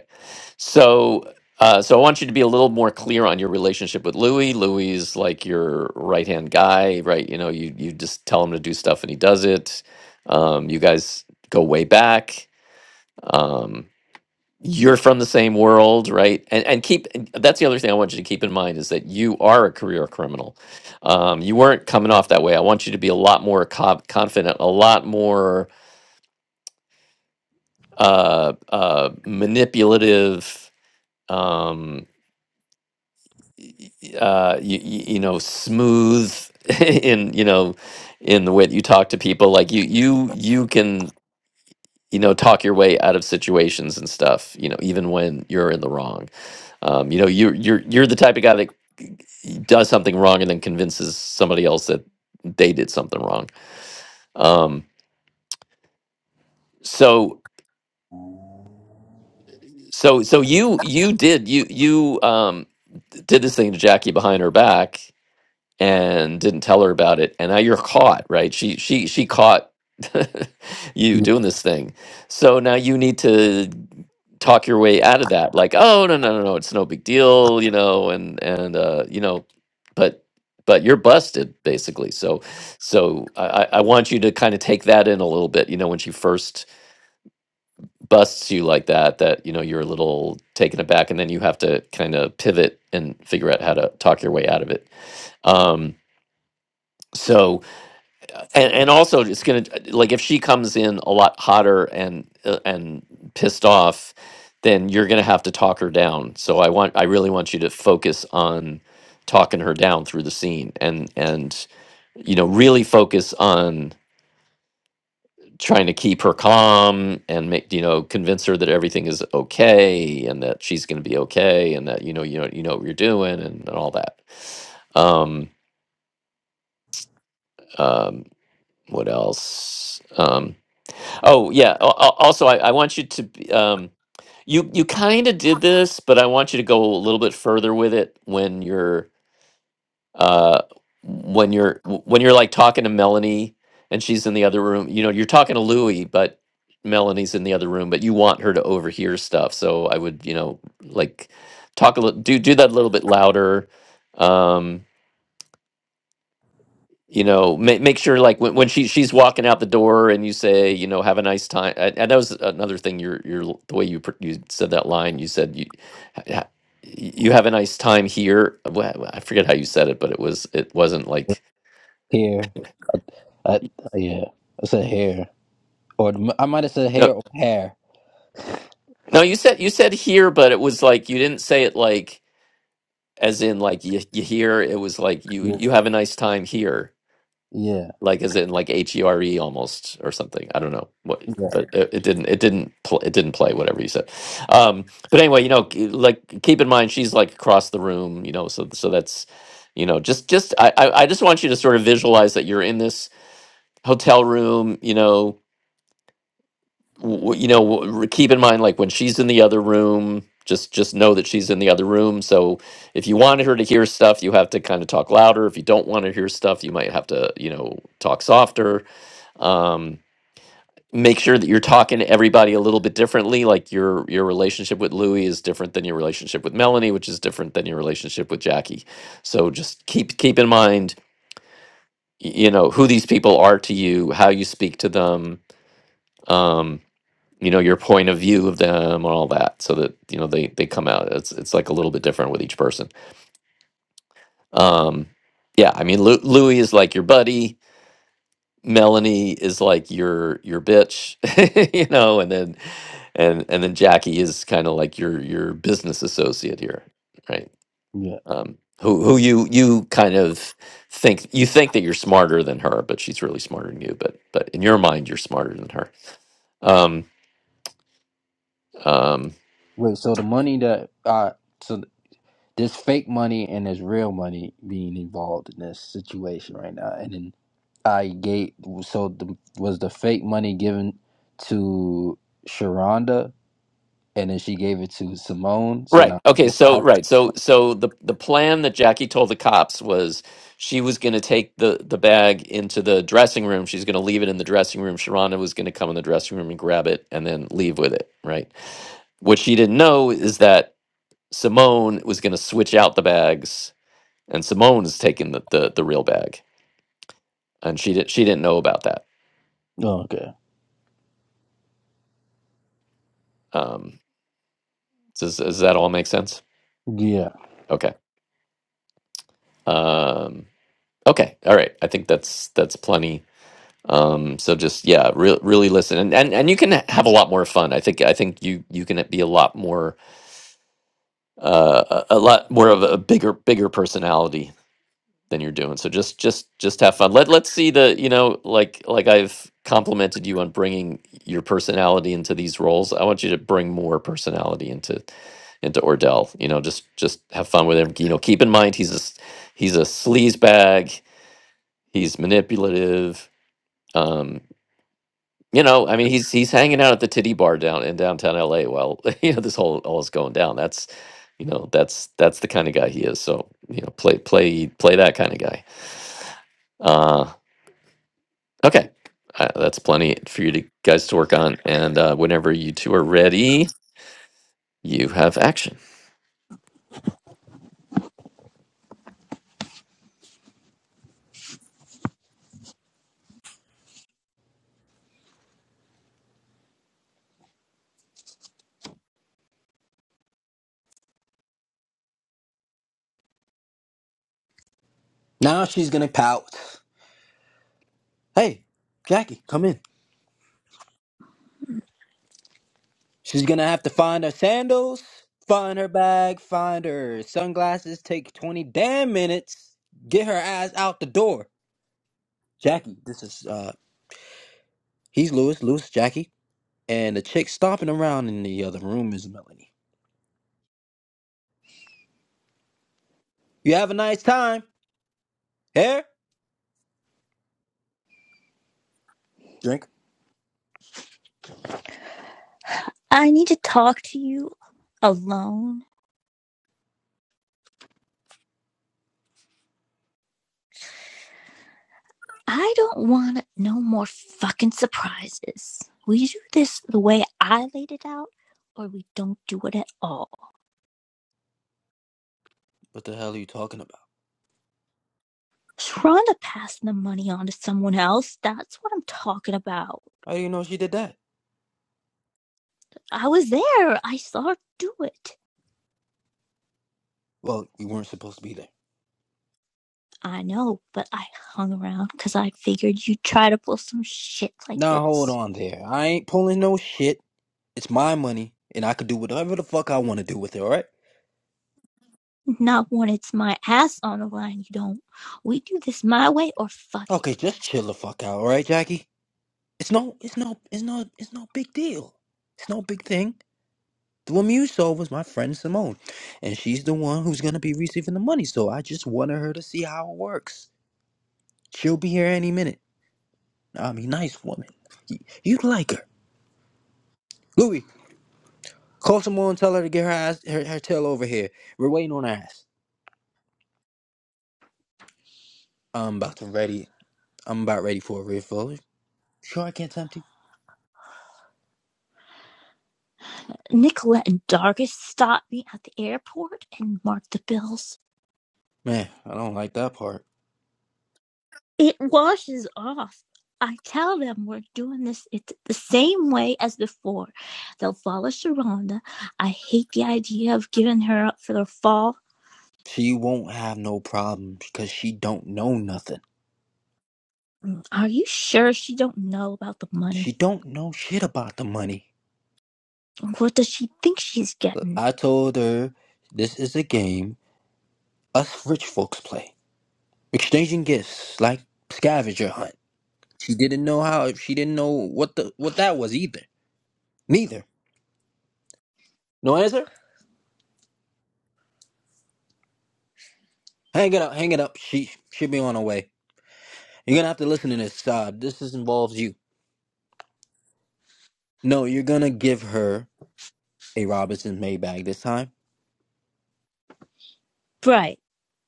Speaker 2: So, uh, so I want you to be a little more clear on your relationship with Louis. Louis is like your right hand guy, right? You know, you you just tell him to do stuff and he does it. Um, you guys go way back. Um, you're from the same world, right? And and keep and that's the other thing I want you to keep in mind is that you are a career criminal. Um, you weren't coming off that way. I want you to be a lot more co- confident, a lot more uh, uh, manipulative. Um, uh, you, you know smooth in you know in the way that you talk to people like you you you can you know talk your way out of situations and stuff you know even when you're in the wrong um, you know you're you're you're the type of guy that does something wrong and then convinces somebody else that they did something wrong um, so so so you you did you you um, did this thing to Jackie behind her back and didn't tell her about it and now you're caught right she she she caught you
Speaker 4: Yeah.
Speaker 2: doing this thing so now you need to talk your way out of that like oh no no no no it's no big deal you know and and uh you know but but you're busted basically so so i i I want you to kind of take that in a little bit you know when she first busts you like that that you know you're a little taken aback and then you have to kind of pivot and figure out how to talk your way out of it um so and and also it's gonna like if she comes in a lot hotter and uh, and pissed off then you're gonna have to talk her down so i want i really want you to focus on talking her down through the scene and and you know really focus on trying to keep her calm and make you know convince her that everything is okay and that she's going to be okay and that you know you know you know what you're doing and, and all that um um what else Um, Oh yeah. Al- al- Also, I, I want you to be- um, you you kind of did this, but I want you to go a little bit further with it when you're uh when you're w- when you're like talking to Melanie and she's in the other room. You know, you're talking to Louie, but Melanie's in the other room, but you want her to overhear stuff. So I would you know like talk a little do do that a little bit louder. Um, you know make, make sure like when, when she she's walking out the door and you say you know have a nice time and and that was another thing your your l- the way you pr- you said that line you said you ha- ha- you have a nice time here Uh, wha- wha- i forget how you said it but it was it wasn't like
Speaker 4: Hair. I, yeah. I said hair. Or I might have said hair
Speaker 2: no
Speaker 4: or hair.
Speaker 2: no you said you said here but it was like you didn't say it like as in like you, you hear it was like you
Speaker 4: Yeah.
Speaker 2: you have a nice time here like as in like H E R E almost or something. I don't know what,
Speaker 4: Yeah.
Speaker 2: but it, it didn't. It didn't. Pl- it didn't play whatever you said. Um, but anyway, you know, k- like keep in mind she's like across the room. You know, so so that's you know just just I I I just want you to sort of visualize that you're in this hotel room. You know, w- you know, w- r- keep in mind like when she's in the other room. Just, just know that she's in the other room. So, if you wanted her to hear stuff, you have to kind of talk louder. If you don't want to hear stuff, you might have to, you know, talk softer um make sure that you're talking to everybody a little bit differently like your your relationship with louie is different than your relationship with melanie which is different than your relationship with jackie so just keep keep in mind y- you know who these people are to you how you speak to them um you know your point of view of them and all that so that you know they they come out it's it's like a little bit different with each person um yeah i mean Lu- louie is like your buddy Melanie is like your your bitch, you know, and then and and then Jackie is kind of like your your business associate here, right?
Speaker 4: Yeah.
Speaker 2: Um, who who you you kind of think you think that you're smarter than her, but she's really smarter than you. But but in your mind, you're smarter than her. Um, um,
Speaker 4: Wait, so the money that uh so there's fake money and there's real money being involved in this situation right now. And then I gave so the, was the fake money given to Sharonda and then she gave it to Simone. So now
Speaker 2: Right. Okay. So right. So so the the plan that Jackie told the cops was she was going to take the the bag into the dressing room. She's going to leave it in the dressing room. Sharonda was going to come in the dressing room and grab it and then leave with it. Right. What she didn't know is that Simone was going to switch out the bags, and Simone is taking the the, the real bag, and she did she didn't know about that.
Speaker 4: Oh, okay.
Speaker 2: Um. Does does that all make sense?
Speaker 4: Yeah.
Speaker 2: Okay. Um. Okay. All right. I think that's that's plenty um so just yeah re- really listen and, and and you can have a lot more fun i think i think you you can be a lot more uh a a lot more of a bigger bigger personality than you're doing so just just just have fun let let's see the you know like like i've complimented you on bringing your personality into these roles i want you to bring more personality into into ordell you know just just have fun with him you know keep in mind he's a s- he's a sleaze bag he's manipulative Um, You know, I mean, he's he's hanging out at the titty bar down in downtown LA while you know this whole all is going down. That's you know that's that's the kind of guy he is. So you know, play play play that kind of guy. Uh, okay, uh, that's plenty for you to guys to work on. And uh, whenever you two are ready, you have action.
Speaker 4: Now she's gonna pout. Hey, Jackie, come in. She's gonna have to find her sandals, find her bag, find her sunglasses, take 20 damn minutes, get her ass out the door. Jackie, this is uh he's Lewis, Lewis, Jackie, and the chick stomping around in the other room is Melanie. You have a nice time. Here? Drink.
Speaker 3: I need to talk to you alone I don't want no more fucking surprises. We do this the way I laid it out, or we don't do it at all.
Speaker 4: What the hell are you talking about?
Speaker 3: Sharonda passing the money on to someone else, that's what I'm talking about.
Speaker 4: How do you know she did that?
Speaker 3: I was there, I saw her do it.
Speaker 4: Well, you weren't supposed to be there.
Speaker 3: I know, but I hung around 'cause I figured you'd try to pull some shit like
Speaker 4: Now hold
Speaker 3: this.
Speaker 4: on there. I ain't pulling no shit. It's my money, and I could do whatever the fuck I want to do with it, alright?
Speaker 3: Not when it's my ass on the line, you don't. We do this my way or fuck it.
Speaker 4: Okay, just chill the fuck out, alright, Jackie? It's no it's no it's no it's no big deal. It's no big thing. The woman you saw was my friend Simone, and she's the one who's going to be receiving the money. So I just wanted her to see how it works. She'll be here any minute. I mean, nice woman. Y- You'd like her. Louis, call Simone and tell her to get her ass, her, her tail over here. We're waiting on her ass. I'm about to ready. I'm about ready for a refill. Sure, I can't tempt you.
Speaker 3: Nicolette and Dargis stopped me at the airport and marked the bills.
Speaker 4: Man, I don't like that part.
Speaker 3: It washes off. I tell them we're doing this. It's the same way as before. They'll follow Sharonda. I hate the idea of giving her up for the fall.
Speaker 4: She won't have no problem because she don't know nothing.
Speaker 3: Are you sure she don't know about the
Speaker 4: She
Speaker 3: money?
Speaker 4: don't know shit about the money.
Speaker 3: What does she think she's getting?
Speaker 4: I told her this is a game Us rich folks play, exchanging gifts like scavenger hunt. She didn't know how. She didn't know what the what that was either. Neither. No answer. Hang it up. Hang it up. She should be on her way. You're gonna have to listen to this. Uh, this is, involves you. No, you're gonna give her a Robinson Maybach this time.
Speaker 3: Right,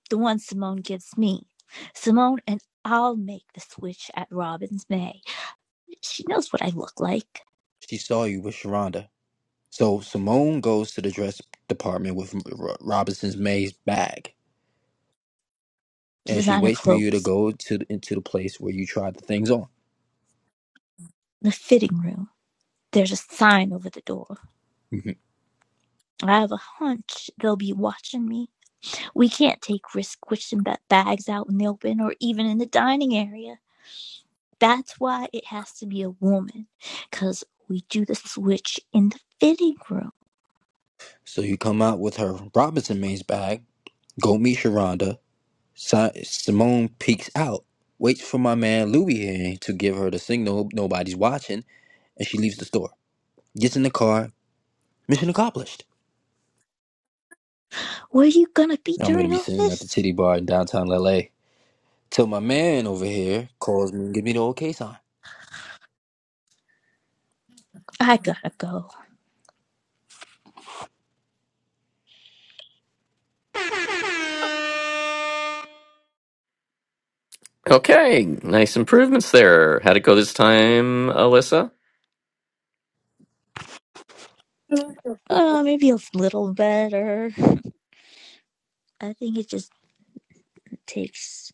Speaker 3: the one Simone gives me. Simone and I'll make the switch at Robin's May. She knows what I look like.
Speaker 4: She saw you with Sharonda. So Simone goes to the dress department with R- Robinson's May's bag,
Speaker 3: The
Speaker 4: and she
Speaker 3: designer
Speaker 4: waits for you to
Speaker 3: clothes.
Speaker 4: go to the, into the place where you tried the things on.
Speaker 3: The fitting room. There's a sign over the door.
Speaker 4: Mm-hmm.
Speaker 3: I have a hunch they'll be watching me. We can't take risk squishing bags out in the open or even in the dining area. That's why it has to be a woman, because we do the switch in the fitting room.
Speaker 4: So you come out with her Robinson Mays bag, go meet Sharonda. Si- Simone peeks out, waits for my man Louis here to give her the signal nobody's watching, and she leaves the store. Gets in the car, mission accomplished.
Speaker 3: Where are you gonna be
Speaker 4: Now I'm gonna
Speaker 3: during
Speaker 4: be
Speaker 3: all
Speaker 4: sitting at
Speaker 3: this?
Speaker 4: the titty bar in downtown LA till my man over here calls me and gives me the okay sign.
Speaker 3: I gotta go.
Speaker 2: Okay, nice improvements there. How'd it go this time, Alyssa?
Speaker 3: Uh, maybe a little better. I think it just takes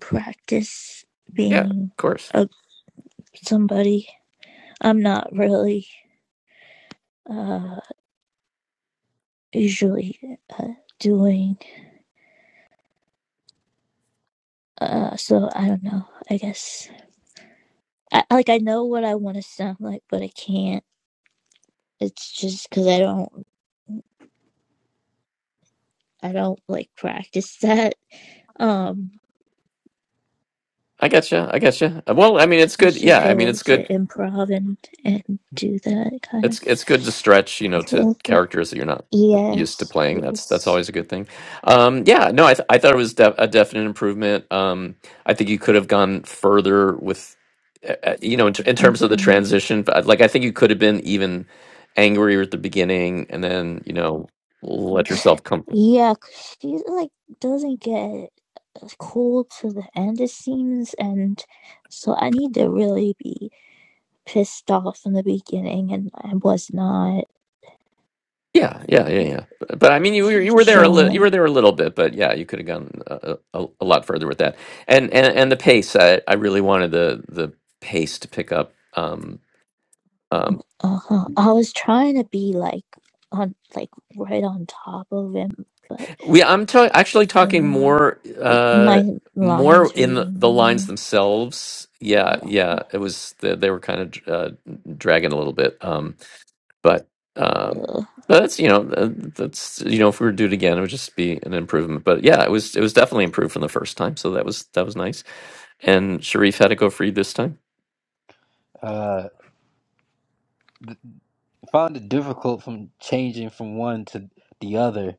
Speaker 3: practice
Speaker 2: Yeah, of
Speaker 3: being
Speaker 2: course.
Speaker 3: a, somebody. I'm not really uh, usually uh, doing. Uh, so I don't know. I guess I, like I know what I want to sound like, but I can't. It's just because I don't, I don't like practice that. Um,
Speaker 2: I gotcha. I gotcha. Uh, Well, I mean, it's
Speaker 3: I
Speaker 2: good. Yeah,
Speaker 3: should
Speaker 2: I mean,
Speaker 3: go
Speaker 2: it's good
Speaker 3: to improv and and do that kind
Speaker 2: It's it's good to stretch, you know,
Speaker 3: of
Speaker 2: to characters that you're not used to
Speaker 3: Yes,
Speaker 2: playing. That's that's
Speaker 3: yes,
Speaker 2: always a good thing. Um, yeah, no, I th- I thought it was def a definite improvement. Um, I think you could have gone further with, uh, uh, you know, in, t- in
Speaker 3: uh
Speaker 2: terms of the
Speaker 3: huh,
Speaker 2: transition. But, uh, Like I think you could have been even angrier at the beginning, and then you know let yourself come.
Speaker 3: yeah. 'cause she like doesn't get uh, cool to the end it seems, and so I need to really be pissed off in the beginning, and I was not
Speaker 2: Yeah, yeah, yeah,
Speaker 3: uh,
Speaker 2: yeah. But, but I mean, you were you were there a
Speaker 3: shown
Speaker 2: little, you
Speaker 3: it.
Speaker 2: were there a little bit, but yeah, you could have gone a, a, a lot further with that. And and and the pace, I, I really wanted the the pace to pick up. Um, um,
Speaker 3: Uh-huh. I was trying to be like on like right on top of him, but
Speaker 2: we I'm ta- actually
Speaker 3: I don't
Speaker 2: talking
Speaker 3: know.
Speaker 2: more uh
Speaker 3: My
Speaker 2: more
Speaker 3: line's
Speaker 2: in the,
Speaker 3: reading
Speaker 2: the lines
Speaker 3: line.
Speaker 2: themselves. Yeah,
Speaker 3: Oh, okay.
Speaker 2: yeah. It was the, they were kind of uh, dragging a little bit. Um, but um
Speaker 3: Uh,
Speaker 2: but that's you know uh, that's you know if we were to do it again it would just be an improvement but yeah it was it was definitely improved from the first time so that was that was nice and sharif had to go free this time
Speaker 4: Uh, th- found it difficult from changing from one to the other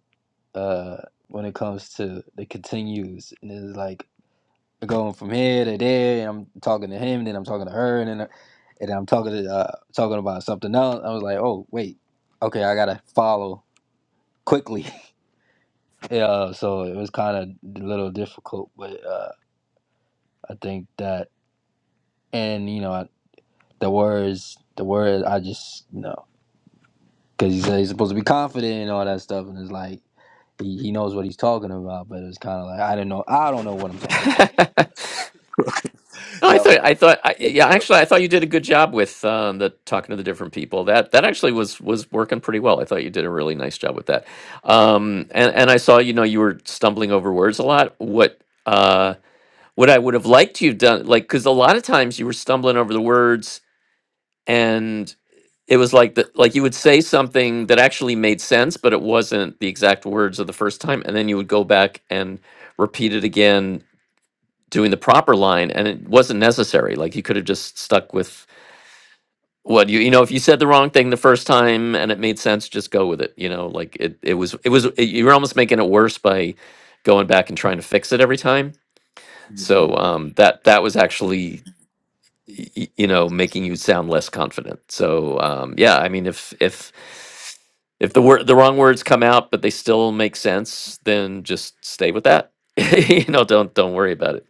Speaker 4: uh, when it comes to the continues, and it's like going from here to there, and I'm talking to him, then I'm talking to her, and then, and then I'm talking to uh, talking about something else. I was like, oh wait, okay, I gotta follow quickly. yeah, so it was kind of a little difficult, but uh, I think that, and you know, I, the words, the word, I just you know, because he said he's supposed to be confident and all that stuff, and it's like he, he knows what he's talking about, but it's kind of like I don't know, I don't know what I'm talking about.
Speaker 2: no i thought i thought I, yeah actually i thought you did a good job with um the talking to the different people that that actually was was working pretty well i thought you did a really nice job with that um and and i saw you know you were stumbling over words a lot what uh, what I would have liked you have done, like, because a lot of times you were stumbling over the words, and it was like that, like you would say something that actually made sense, but it wasn't the exact words of the first time, and then you would go back and repeat it again, doing the proper line, and it wasn't necessary. Like you could have just stuck with what you, you know, if you said the wrong thing the first time and it made sense, just go with it. You know, like it, it was, it was, it, you were almost making it worse by going back and trying to fix it every time. So um, that that was actually y- you know making you sound less confident so um yeah i mean if if if the word the wrong words come out but they still make sense then just stay with that you know don't don't worry about it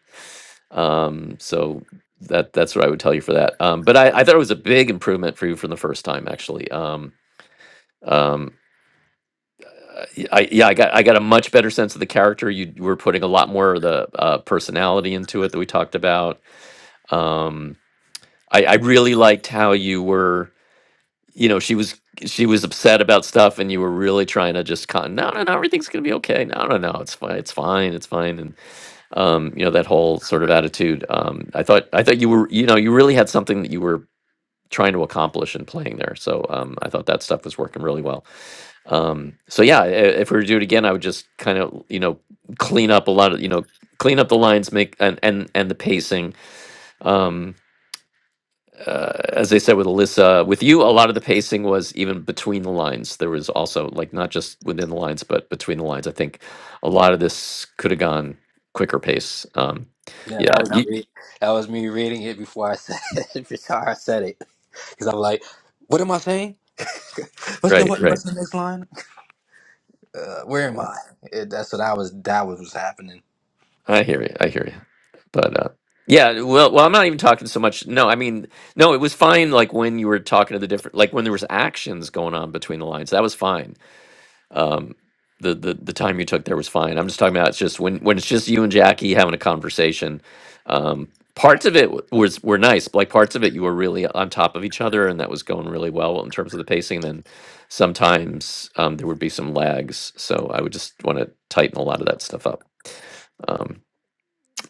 Speaker 2: um so that that's what i would tell you for that um but i i thought it was a big improvement for you from the first time actually um um uh, y- I, yeah, I got I got a much better sense of the character. You were putting a lot more of the uh, personality into it that we talked about. Um, I, I really liked how you were. you know she was she was upset about stuff and you were really trying to just con no no no everything's gonna be okay no no no it's fine it's fine it's fine and um you know that whole sort of attitude um i thought i thought you were you know you really had something that you were trying to accomplish in playing there so um i thought that stuff was working really well um so yeah i- if we were to do it again i would just kind of you know clean up a lot of you know clean up the lines make and and and the pacing um uh, as I said with Alyssa, with you, a lot of the pacing was even between the lines. There was also like not just within the lines, but between the lines. I think a lot of this could have gone quicker pace. Um,
Speaker 4: Yeah,
Speaker 2: yeah,
Speaker 4: that
Speaker 2: Fair
Speaker 4: was
Speaker 2: enough. you,
Speaker 4: re- that was me reading it before I said before I said it. Because I'm like, what am I saying? What's the
Speaker 2: right,
Speaker 4: what,
Speaker 2: right.
Speaker 4: what's the next line? Uh, where am I? It, that's what I was. That was what's happening.
Speaker 2: I hear you. I hear you. But uh, yeah, well, well, I'm not even talking so much. No, I mean, no, it was fine. Like when you were talking to the different, like when there was actions going on between the lines, that was fine. um the, the the time you took there was fine i'm just talking about it's just when when it's just you and jackie having a conversation um parts of it w- was were nice like parts of it you were really on top of each other and that was going really well in terms of the pacing then sometimes um there would be some lags so i would just want to tighten a lot of that stuff up um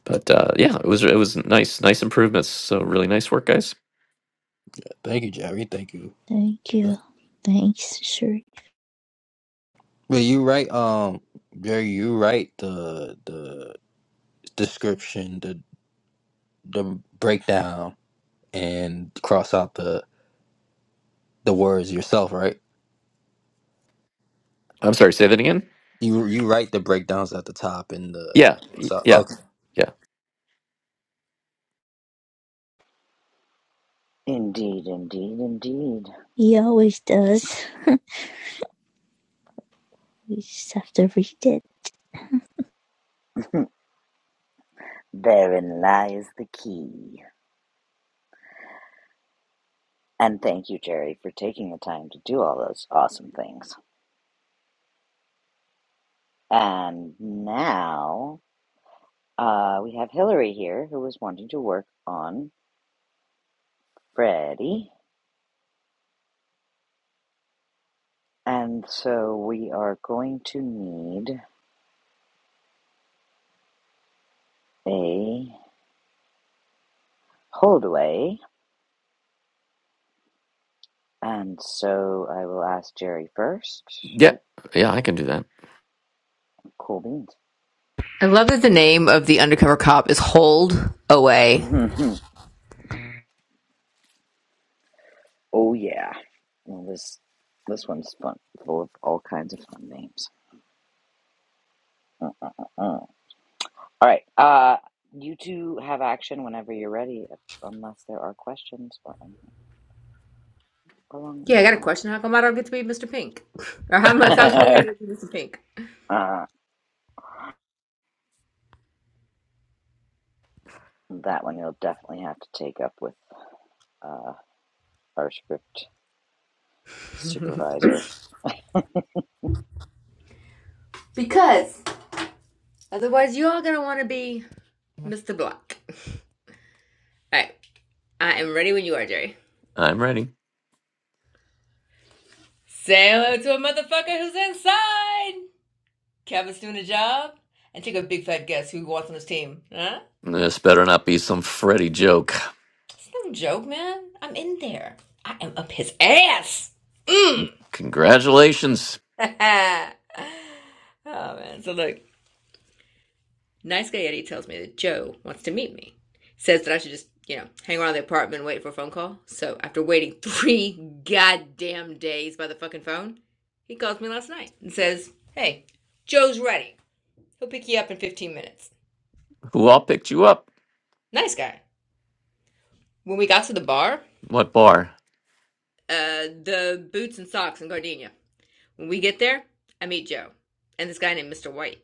Speaker 2: but uh yeah it was it was nice nice improvements so really nice work guys
Speaker 4: Thank you, Jerry. Thank you.
Speaker 3: thank you. Thanks, sure.
Speaker 4: But you right, um, Jerry. You right. The the description, the the breakdown, and cross out the the words yourself. Right.
Speaker 2: i'm sorry say that again
Speaker 4: You you write the breakdowns at the top and
Speaker 2: yeah y-
Speaker 4: the.
Speaker 2: yeah yeah
Speaker 1: indeed, indeed, indeed.
Speaker 3: He always does. We just have to read it.
Speaker 1: Therein lies the key. And thank you, Jerry, for taking the time to do all those awesome things. And now uh, we have Hillary here who was wanting to work on Freddie. And so we are going to need a holdaway. And so I will ask Jerry first.
Speaker 2: yeah
Speaker 1: Oh,
Speaker 2: yeah i can do that
Speaker 1: cool
Speaker 5: I love that the name of the undercover cop is Hold Away.
Speaker 1: beans. Oh yeah. Well, this this one's fun, full of all kinds of fun names. Uh, uh, uh, uh. All right. Uh, you two have action whenever you're ready, unless there are questions or anything along
Speaker 5: Yeah, I
Speaker 1: those
Speaker 5: got a question. How come I don't get to be Mr. Pink? Or how, much, how come I
Speaker 1: lines.
Speaker 5: get to be Mr. Pink?
Speaker 1: uh, that one you'll definitely have to take up with uh, our script supervisor.
Speaker 5: Because Otherwise, you all gonna want to be Mr. Black. All right, I am ready when you are, Jerry.
Speaker 2: i'm ready
Speaker 5: Say hello to a motherfucker who's inside. Kevin's doing a job, and take a big fat guess who he wants on his team. Huh?
Speaker 2: This better not be some Freddy joke.
Speaker 5: It's no joke, man. I'm in there. I am up his ass. Mm.
Speaker 2: Congratulations.
Speaker 5: oh man. So look, Nice guy Eddie tells me that Joe wants to meet me. Says that I should just, you know, hang around the apartment and wait for a phone call. So after waiting three goddamn days by the fucking phone, he calls me last night and says, Hey, Joe's ready. He'll pick you up in 15 minutes.
Speaker 2: Who all picked you up?
Speaker 5: Nice guy. When we got to the bar,
Speaker 2: What bar?
Speaker 5: uh, the boots and socks in Gardenia. When we get there, I meet Joe and this guy named Mr. White.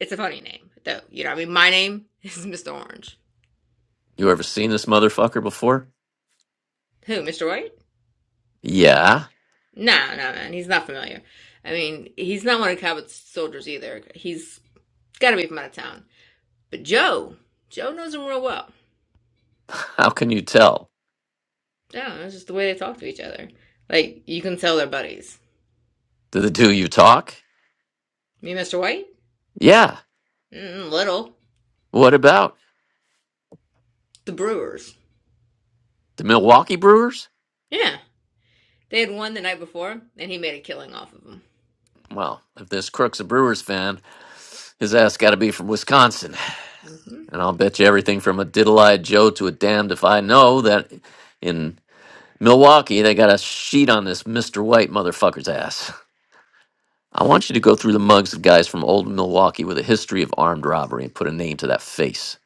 Speaker 5: It's a funny name, though. You know, I mean, my name is Mr. Orange.
Speaker 2: You ever seen this motherfucker before?
Speaker 5: Who, Mr. White?
Speaker 2: Yeah.
Speaker 5: No, nah, no, nah, man. He's not familiar. I mean, he's not one of Cabot's soldiers either. He's got to be from out of town. But Joe, Joe knows him real well.
Speaker 2: How can you tell?
Speaker 5: Yeah, it's just the way they talk to each other. Like, you can tell they're buddies.
Speaker 2: Do the two of you talk?
Speaker 5: Me, and Mr. White?
Speaker 2: Yeah.
Speaker 5: Mm, little.
Speaker 2: What about?
Speaker 5: The Brewers.
Speaker 2: The Milwaukee Brewers?
Speaker 5: Yeah. They had won the night before, and he made a killing off of them.
Speaker 2: Well, if this crook's a Brewers fan, his ass gotta be from Wisconsin.
Speaker 5: hmm
Speaker 2: And I'll bet you everything from a diddle eyed Joe to a damned if I know that in Milwaukee they got a sheet on this Mr. White motherfucker's ass. I want you to go through the mugs of guys from old Milwaukee with a history of armed robbery and put a name to that face.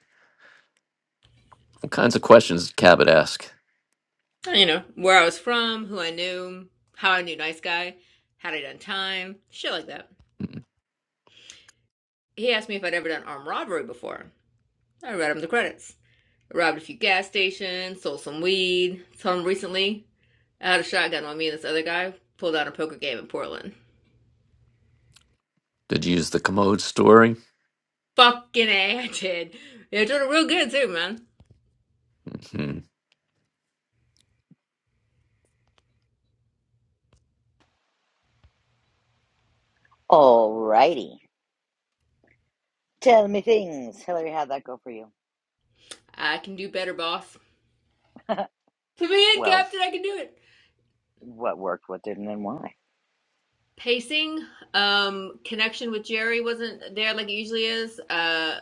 Speaker 2: What kinds of questions did Cabot ask?
Speaker 5: You know, where I was from, who I knew, how I knew Nice Guy, had I done time, shit like that.
Speaker 2: Hmm.
Speaker 5: He asked me if I'd ever done armed robbery before. I read him the credits. robbed a few gas stations, sold some weed. Some recently, I had a shotgun on me and this other guy pulled out a poker game in Portland.
Speaker 2: Did you use the commode story?
Speaker 5: Fucking A, I did. You're doing it real good too, man.
Speaker 2: hmm
Speaker 1: Alrighty. Tell me things, Hillary. How'd that go for you?
Speaker 5: I can do better, boss. To be in
Speaker 1: Well,
Speaker 5: captain, I can do it.
Speaker 1: what worked, what didn't, and why?
Speaker 5: Pacing, um, connection with Jerry wasn't there like it usually is. Uh,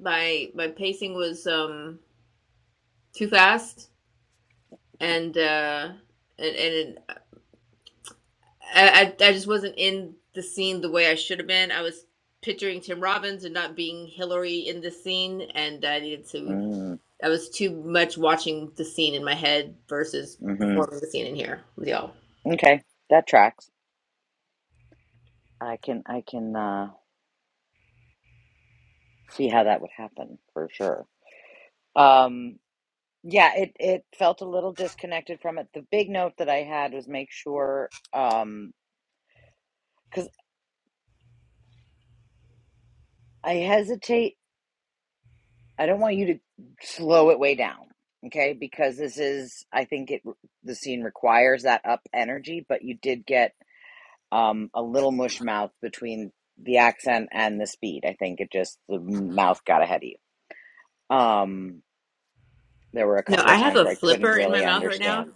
Speaker 5: my my pacing was um too fast, and uh, and and I, I I just wasn't in the scene the way I should have been. I was picturing Tim Robbins and not being Hillary in the scene, and I needed to.
Speaker 1: Mm,
Speaker 5: I was too much watching the scene in my head versus
Speaker 1: mm-hmm.
Speaker 5: performing the scene in here with y'all.
Speaker 1: Okay, that tracks. I can I can uh, see how that would happen for sure. Um, yeah, it it felt a little disconnected from it. The big note that I had was make sure um, because I hesitate. I don't want you to slow it way down, okay? Because this is I think it the scene requires that up energy, but you did get um, a little mush mouth between the accent and the speed. I think it just the mouth got ahead of you. Um, there were a
Speaker 5: No,
Speaker 1: couple
Speaker 5: I
Speaker 1: of
Speaker 5: have
Speaker 1: times
Speaker 5: a
Speaker 1: where I couldn't
Speaker 5: flipper in my
Speaker 1: really
Speaker 5: mouth right
Speaker 1: understand
Speaker 5: now,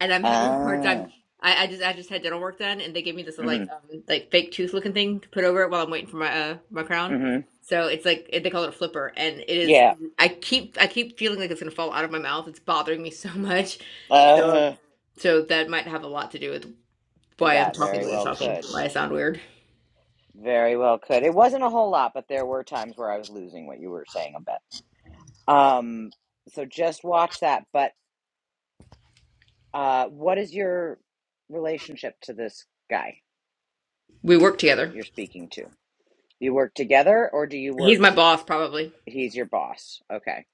Speaker 5: and I'm having a hard time.
Speaker 1: Ah,
Speaker 5: I, I just I just had dental work done, and they gave me this
Speaker 1: hmm
Speaker 5: like um like fake tooth looking thing to put over it while I'm waiting for my uh my crown.
Speaker 1: hmm
Speaker 5: So it's like it, they call it a flipper, and it is.
Speaker 1: Yeah.
Speaker 5: I keep I keep feeling like it's gonna fall out of my mouth. It's bothering me so much. So um,
Speaker 1: Uh,
Speaker 5: so that might have a lot to do with why I'm
Speaker 1: that
Speaker 5: talking
Speaker 1: very
Speaker 5: the way I'm
Speaker 1: well
Speaker 5: talking,
Speaker 1: could.
Speaker 5: why I sound weird.
Speaker 1: Very well could. It wasn't a whole lot, but there were times where I was losing what you were saying a bit. Um, so just watch that. But uh, what is your relationship to this guy
Speaker 5: We work
Speaker 1: that
Speaker 5: together.
Speaker 1: you're speaking to? You work together or do you work,
Speaker 5: He's my boss, probably.
Speaker 1: he's your boss? Okay.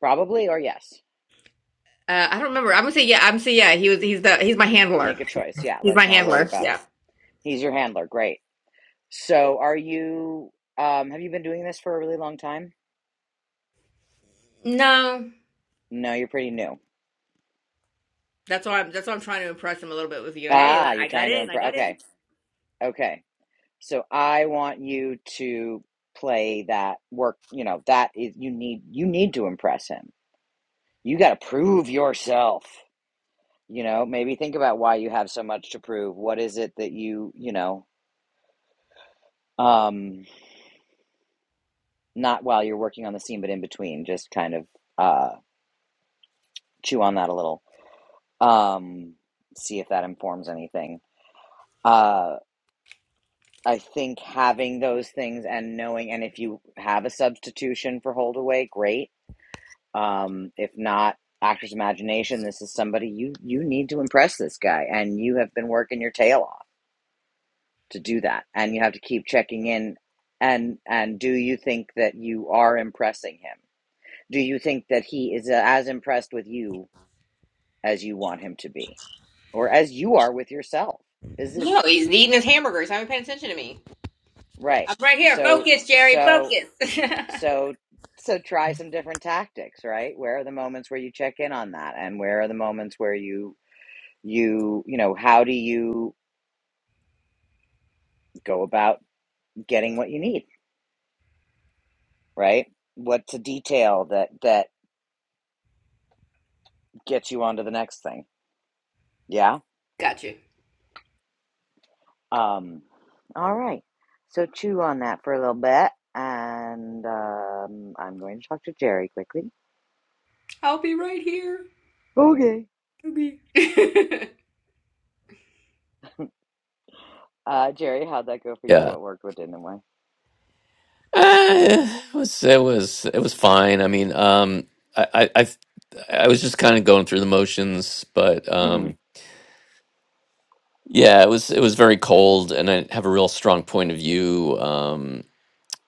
Speaker 1: Probably or yes.
Speaker 5: Uh, I don't remember. I'm gonna say yeah. I'm gonna say yeah. He was. He's the. He's my handler.
Speaker 1: Make a choice. Yeah,
Speaker 5: He's my
Speaker 1: let's not worry
Speaker 5: handler.
Speaker 1: about.
Speaker 5: Yeah.
Speaker 1: He's your handler. Great. So are you, um, have you been doing this for a really long time?
Speaker 5: No.
Speaker 1: No, you're pretty new.
Speaker 5: That's why I'm. That's why I'm trying to impress him a little bit with you. Hey,
Speaker 1: Ah, you're
Speaker 5: I got
Speaker 1: trying to
Speaker 5: in. I
Speaker 1: improve.
Speaker 5: got in.
Speaker 1: Okay. Okay. So I want you to play that work, you know, that is you need you need to impress him. You got to prove yourself. You know, maybe think about why you have so much to prove. What is it that you, you know, um not while you're working on the scene but in between, just kind of uh chew on that a little. Um see if that informs anything. Uh I think having those things and knowing, and if you have a substitution for Holdaway, great. Um, if not, actor's imagination. This is somebody you you need to impress this guy, and you have been working your tail off to do that, and you have to keep checking in. And and do you think that you are impressing him? Do you think that he is uh, as impressed with you as you want him to be, or as you are with yourself? Is this
Speaker 5: No, he's eating his hamburgers. I Haven't paid attention to me.
Speaker 1: right?
Speaker 5: I'm right here.
Speaker 1: So
Speaker 5: Focus, Jerry.
Speaker 1: so
Speaker 5: Focus.
Speaker 1: So so try some different tactics, right? Where are the moments where you check in on that and where are the moments where you you, you know, how do you go about getting what you need, right? What's a detail that that gets you onto the next thing? Yeah.
Speaker 5: Got you.
Speaker 1: Um all right. So chew on that for a little bit and um I'm going to talk to Jerry quickly.
Speaker 5: I'll be right here.
Speaker 1: Okay.
Speaker 5: Okay.
Speaker 1: Uh Jerry, how'd that go for you?
Speaker 2: Yeah.
Speaker 1: What worked, what didn't, and why?
Speaker 2: Eh, it was it was it was fine. I mean, um, I I I, I was just kind of going through the motions, but
Speaker 1: Mhm.
Speaker 2: um, yeah, it was it was very cold, and I didn't have a real strong point of view. Um,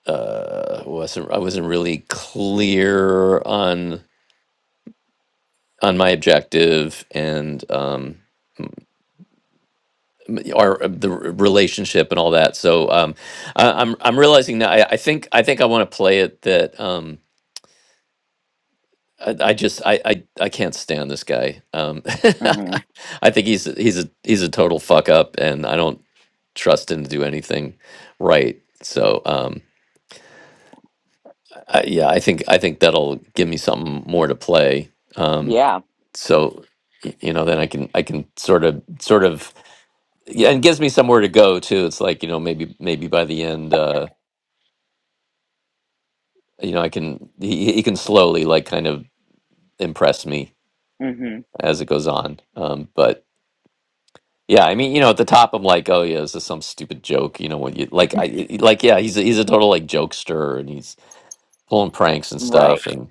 Speaker 2: uh, wasn't I wasn't really clear on. on my objective and um m- or uh, the r- relationship and all that so um I, i'm i'm realizing now I, I think i think i want to play it that um i, I just I, I i can't stand this guy um
Speaker 1: Mhm.
Speaker 2: i think he's a- he's a he's a total fuck up and i don't trust him to do anything right so um I, yeah i think i think that'll give me something more to play um
Speaker 1: Yeah.
Speaker 2: so y- you know then i can i can sort of sort of yeah, and gives me somewhere to go too. It's like you know maybe maybe by the end, uh, you know I can he, he can slowly like kind of impress me
Speaker 1: Mhm.
Speaker 2: as it goes on. Um, but yeah, I mean you know at the top I'm like oh yeah this is some stupid joke you know when you like I like yeah he's a, he's a total like jokester and he's pulling pranks and
Speaker 1: Right.
Speaker 2: stuff and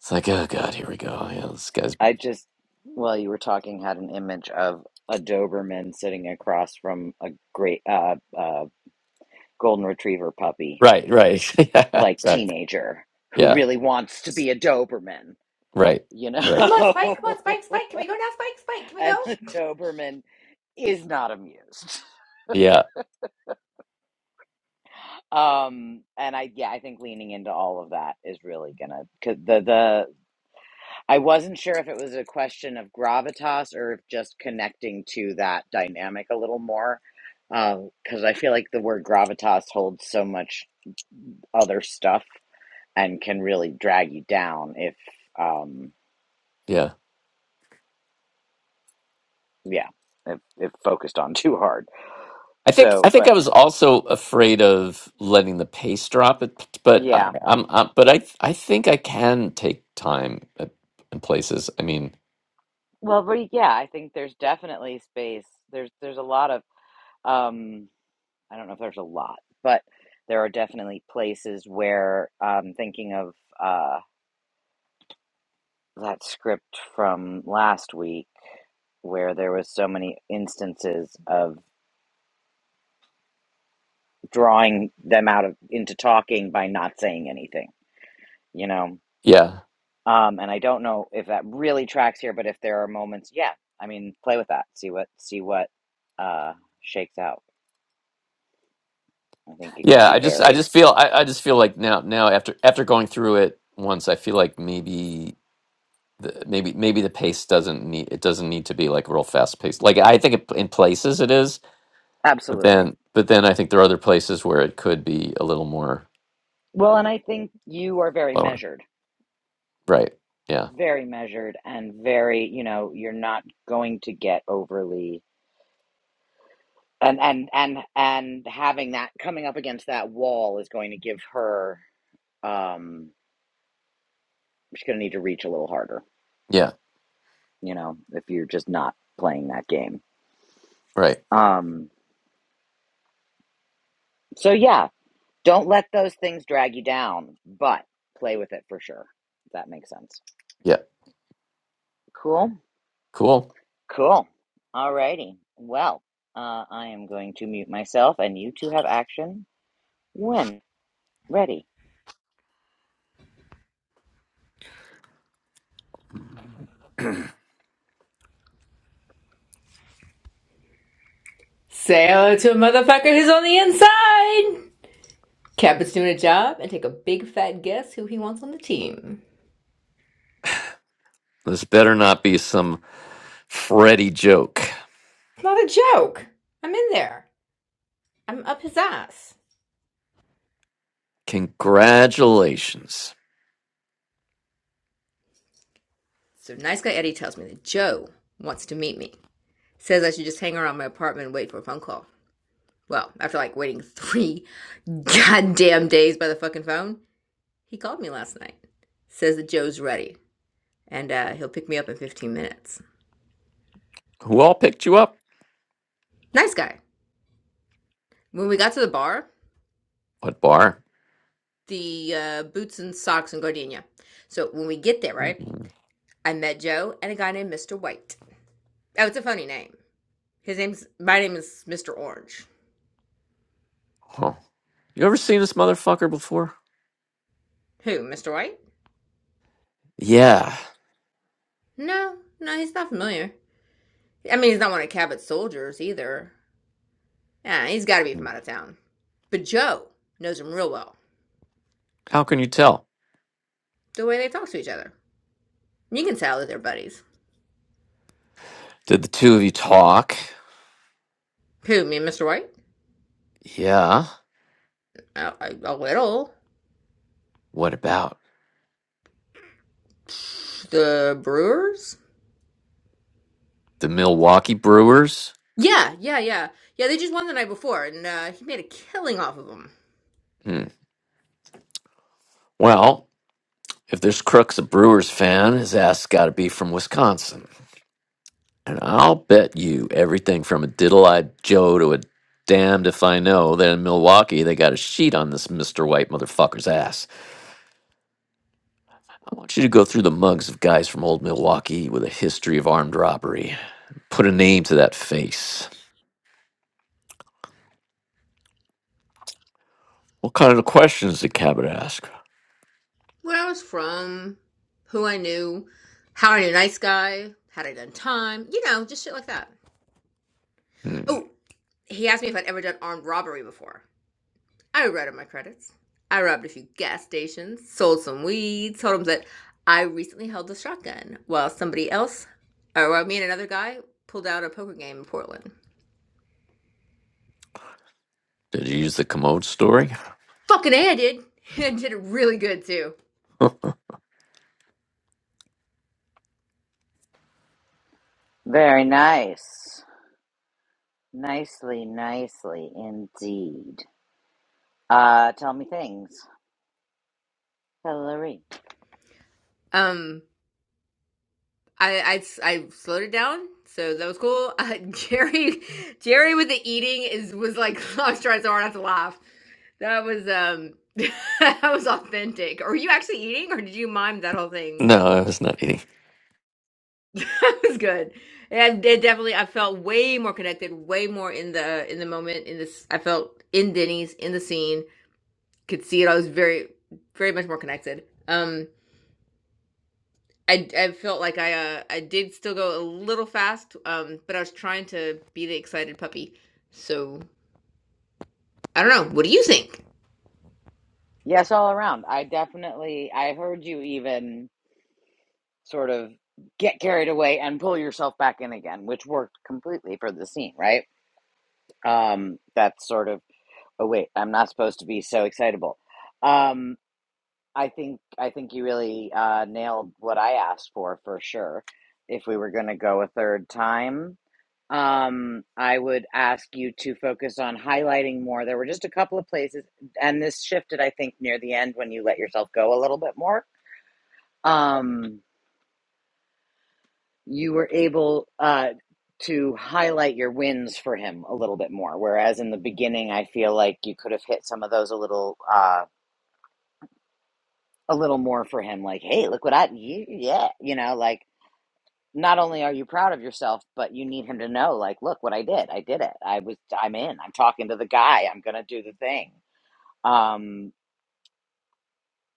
Speaker 2: it's like oh god here we go yeah this guy's
Speaker 1: I just, while you were talking, had an image of a Doberman sitting across from a great uh, uh, golden retriever puppy,
Speaker 2: right right yeah
Speaker 1: like
Speaker 2: exactly
Speaker 1: teenager, who
Speaker 2: yeah
Speaker 1: really wants to be a Doberman,
Speaker 2: right
Speaker 1: you know?
Speaker 2: right
Speaker 5: Come on, Spike. Come on, Spike. Spike. Can we go now, Spike? Spike. Can we
Speaker 1: and
Speaker 5: go?
Speaker 1: the Doberman is not amused.
Speaker 2: yeah
Speaker 1: Um, and I, yeah, I think leaning into all of that is really gonna, cause the, the, I wasn't sure if it was a question of gravitas or if just connecting to that dynamic a little more, because I feel like the word gravitas holds so much other stuff and can really drag you down if, um,
Speaker 2: yeah
Speaker 1: yeah, if, if focused on too hard.
Speaker 2: I think I
Speaker 1: So,
Speaker 2: think
Speaker 1: but
Speaker 2: I was also afraid of letting the pace drop, it, but I,
Speaker 1: yeah,
Speaker 2: I'm, i but I I think I can take time at, in places. I mean,
Speaker 1: well, but yeah, I think there's definitely space. There's there's a lot of um, I don't know if there's a lot, but there are definitely places where um, thinking of. Uh, that script from last week where there was so many instances of drawing them out of into talking by not saying anything you know
Speaker 2: yeah,
Speaker 1: um and i don't know if that really tracks here but if there are moments yeah i mean play with that see what see what uh shakes out i think it can
Speaker 2: yeah.
Speaker 1: be
Speaker 2: I just I
Speaker 1: varied
Speaker 2: just feel I, I just feel like now now after after going through it once, I feel like maybe the, maybe maybe the pace doesn't need it doesn't need to be like real fast paced. Like I think it, in places it is, but
Speaker 1: absolutely
Speaker 2: then but then I think there are other places where it could be a little more
Speaker 1: well and i think you are very
Speaker 2: lower.
Speaker 1: measured
Speaker 2: Right? Yeah.
Speaker 1: very measured and very you know you're not going to get overly and and and and having that coming up against that wall is going to give her um she's going to need to reach a little harder
Speaker 2: Yeah.
Speaker 1: you know if you're just not playing that game
Speaker 2: Right.
Speaker 1: um so yeah don't let those things drag you down but play with it for sure if that makes sense
Speaker 2: Yeah.
Speaker 1: cool
Speaker 2: Cool.
Speaker 1: cool alrighty well uh, i am going to mute myself and you two have action when ready
Speaker 5: Say hello to a motherfucker who's on the inside. Cabot's doing a job and take a big fat guess who he wants on the team.
Speaker 2: This better not be some Freddy joke.
Speaker 5: It's not a joke. I'm in there. I'm up his ass.
Speaker 2: Congratulations.
Speaker 5: So nice guy Eddie tells me that Joe wants to meet me. says I should just hang around my apartment and wait for a phone call. Well, after like waiting three goddamn days by the fucking phone, he called me last night. Says that Joe's ready and uh, he'll pick me up in 15 minutes.
Speaker 2: Who all picked you up?
Speaker 5: Nice guy. When we got to the bar,
Speaker 2: What bar?
Speaker 5: the uh, boots and socks and gardenia. So when we get there, right, I met Joe and a guy named Mr. White. Oh, it's a funny name. His name's my name is Mr. Orange.
Speaker 2: Huh. You ever seen this motherfucker before?
Speaker 5: Who, Mr. White?
Speaker 2: Yeah.
Speaker 5: No, no, he's not familiar. I mean, he's not one of Cabot's soldiers either. Yeah, he's got to be from out of town. But Joe knows him real well.
Speaker 2: How can you tell?
Speaker 5: The way they talk to each other, you can tell that they're buddies.
Speaker 2: Did the two of you talk?
Speaker 5: Who? Me and Mr. White?
Speaker 2: Yeah.
Speaker 5: A, a, a little.
Speaker 2: What about?
Speaker 5: The Brewers?
Speaker 2: The Milwaukee Brewers?
Speaker 5: Yeah, yeah, yeah, yeah. They just won the night before, and uh, he made a killing off of them.
Speaker 2: Hmm. Well, if this crook's a Brewers fan, his ass gotta be from Wisconsin. And I'll bet you everything from a diddle eyed Joe to a damned if I know that in Milwaukee they got a sheet on this Mr. White motherfucker's ass. I want you to go through the mugs of guys from old Milwaukee with a history of armed robbery. Put a name to that face. What kind of questions did Cabot ask?
Speaker 5: Where I was from, who I knew, how I knew nice guy, had I done time, you know, just shit like that.
Speaker 2: Hmm.
Speaker 5: Oh, he asked me if I'd ever done armed robbery before. I wrote up my credits. I robbed a few gas stations, sold some weed, told them that I recently held a shotgun while somebody else, or while me and another guy, pulled out a poker game in Portland.
Speaker 2: Did you use the commode story?
Speaker 5: Fucking A, I did. I did it really good too.
Speaker 1: very nice nicely nicely indeed Uh, tell me things. Hillary.
Speaker 5: Um, I, I, I slowed it down, so that was cool. Uh, Jerry, Jerry with the eating is was like, I was trying so hard not to laugh. That was um, that was authentic. Are you actually eating, or did you mime that whole thing?
Speaker 2: no, I was not eating.
Speaker 5: that was good. And it definitely, I felt way more connected, way more in the in the moment. In this, I felt in Denny's in the scene, could see it. I was very, very much more connected. Um, I I felt like I uh I did still go a little fast. Um, but I was trying to be the excited puppy. So I don't know. What do you think?
Speaker 1: Yes, all around. I definitely, I heard you even sort of get carried away and pull yourself back in again, which worked completely for the scene, right? Um, that's sort of, oh wait, I'm not supposed to be so excitable. Um, I think, I think you really uh, nailed what I asked for, for sure. If we were going to go a third time, um, I would ask you to focus on highlighting more. There were just a couple of places, and this shifted, I think, near the end when you let yourself go a little bit more. Um, you were able uh, to highlight your wins for him a little bit more, whereas in the beginning, I feel like you could have hit some of those a little, uh, a little more for him. Like, hey, look what I, you, yeah, you know, like. Not only are you proud of yourself, but you need him to know, like, look what I did. I did it. I was, I'm in. I'm talking to the guy. I'm going to do the thing Um,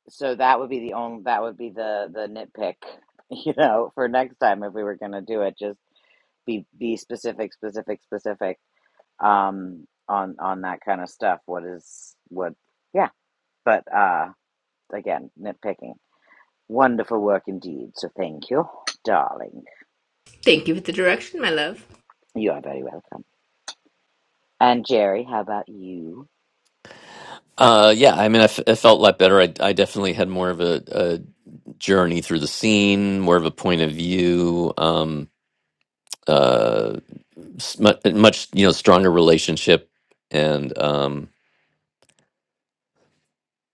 Speaker 1: so that would be the only that would be the the nitpick, you know, for next time if we were gonna do it, just be be specific, specific, specific, um, on on that kind of stuff. What is what? Yeah, but uh, again, nitpicking. Wonderful work indeed. So thank you, darling.
Speaker 5: Thank you for the direction, my love.
Speaker 1: You are very welcome. And Jerry, how about you?
Speaker 2: Uh, yeah, I mean, I, f- I felt a lot better. I, I definitely had more of a, a journey through the scene, more of a point of view. Um, Uh. s- mu- much you know stronger relationship and um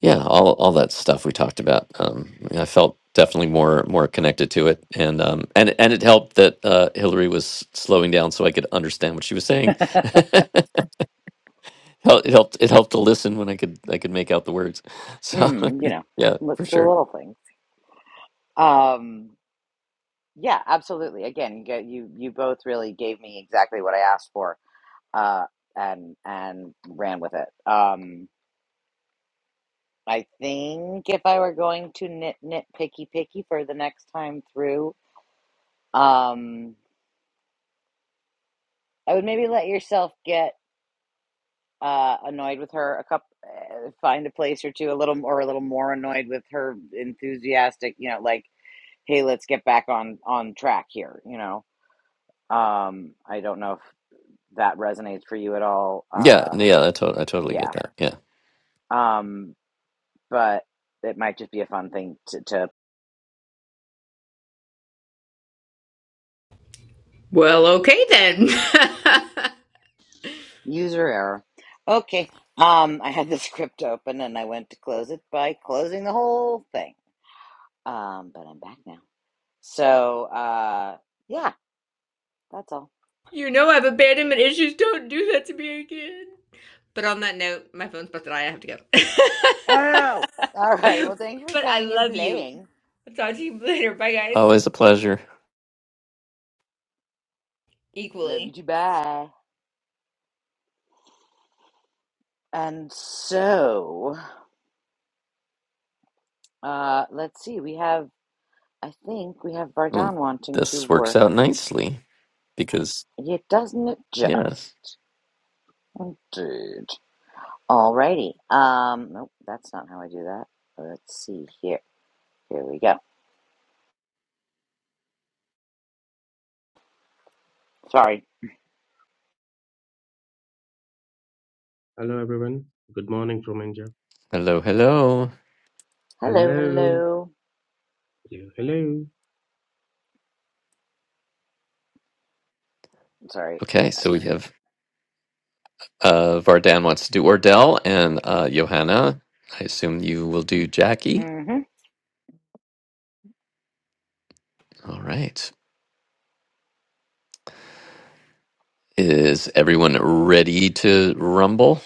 Speaker 2: yeah all all that stuff we talked about um i felt definitely more more connected to it and um and and it helped that uh hillary was slowing down so i could understand what she was saying Hel- it helped it helped to listen when i could i could make out the words so
Speaker 1: Mm, you know,
Speaker 2: yeah for
Speaker 1: what's the
Speaker 2: sure
Speaker 1: little things? Um, yeah, absolutely. Again, you, get- you you both really gave me exactly what I asked for uh, and and ran with it. Um, I think if I were going to nit nit picky picky for the next time through, um, I would maybe let yourself get uh, annoyed with her a couple, uh, find a place or two, a little or a little more annoyed with her enthusiastic. You know, like hey, let's get back on on track here. You know, um, I don't know if that resonates for you at all.
Speaker 2: yeah
Speaker 1: Uh,
Speaker 2: yeah i, to- I totally get
Speaker 1: yeah,
Speaker 2: that yeah
Speaker 1: um, but it might just be a fun thing to. to
Speaker 5: Well, okay then.
Speaker 1: User error. Okay. Um, I had the script open and I went to close it by closing the whole thing. Um, but I'm back now. So, uh, yeah, that's all.
Speaker 5: you know I have abandonment issues. Don't do that to me again. But on that note, my phone's busted. I have to go.
Speaker 1: Oh, all right. Well, thanks for
Speaker 5: but I
Speaker 1: coming and
Speaker 5: love you.
Speaker 1: playing.
Speaker 5: I'll talk to you later. Bye, guys.
Speaker 2: always a pleasure
Speaker 1: Love
Speaker 5: Equally.
Speaker 1: you too. Bye. And so, uh, let's see. We have, I think we have Vardan
Speaker 2: well,
Speaker 1: wanting to
Speaker 2: this works
Speaker 1: work.
Speaker 2: out nicely because
Speaker 1: Yeah, doesn't it
Speaker 2: yes
Speaker 1: just, dude? Alrighty. Um, nope, that's not how I do that. Let's see here. Here we go. Sorry.
Speaker 6: Hello, everyone. Good morning from India.
Speaker 2: hello hello
Speaker 1: Hello,
Speaker 6: Hello.
Speaker 1: hello.
Speaker 6: Hello. hello.
Speaker 1: Sorry.
Speaker 2: Okay, so we have Uh, Vardan wants to do Ordell, and uh, Johanna, I assume you will do Jackie.
Speaker 1: Mm-hmm.
Speaker 2: All right. Is everyone ready to rumble?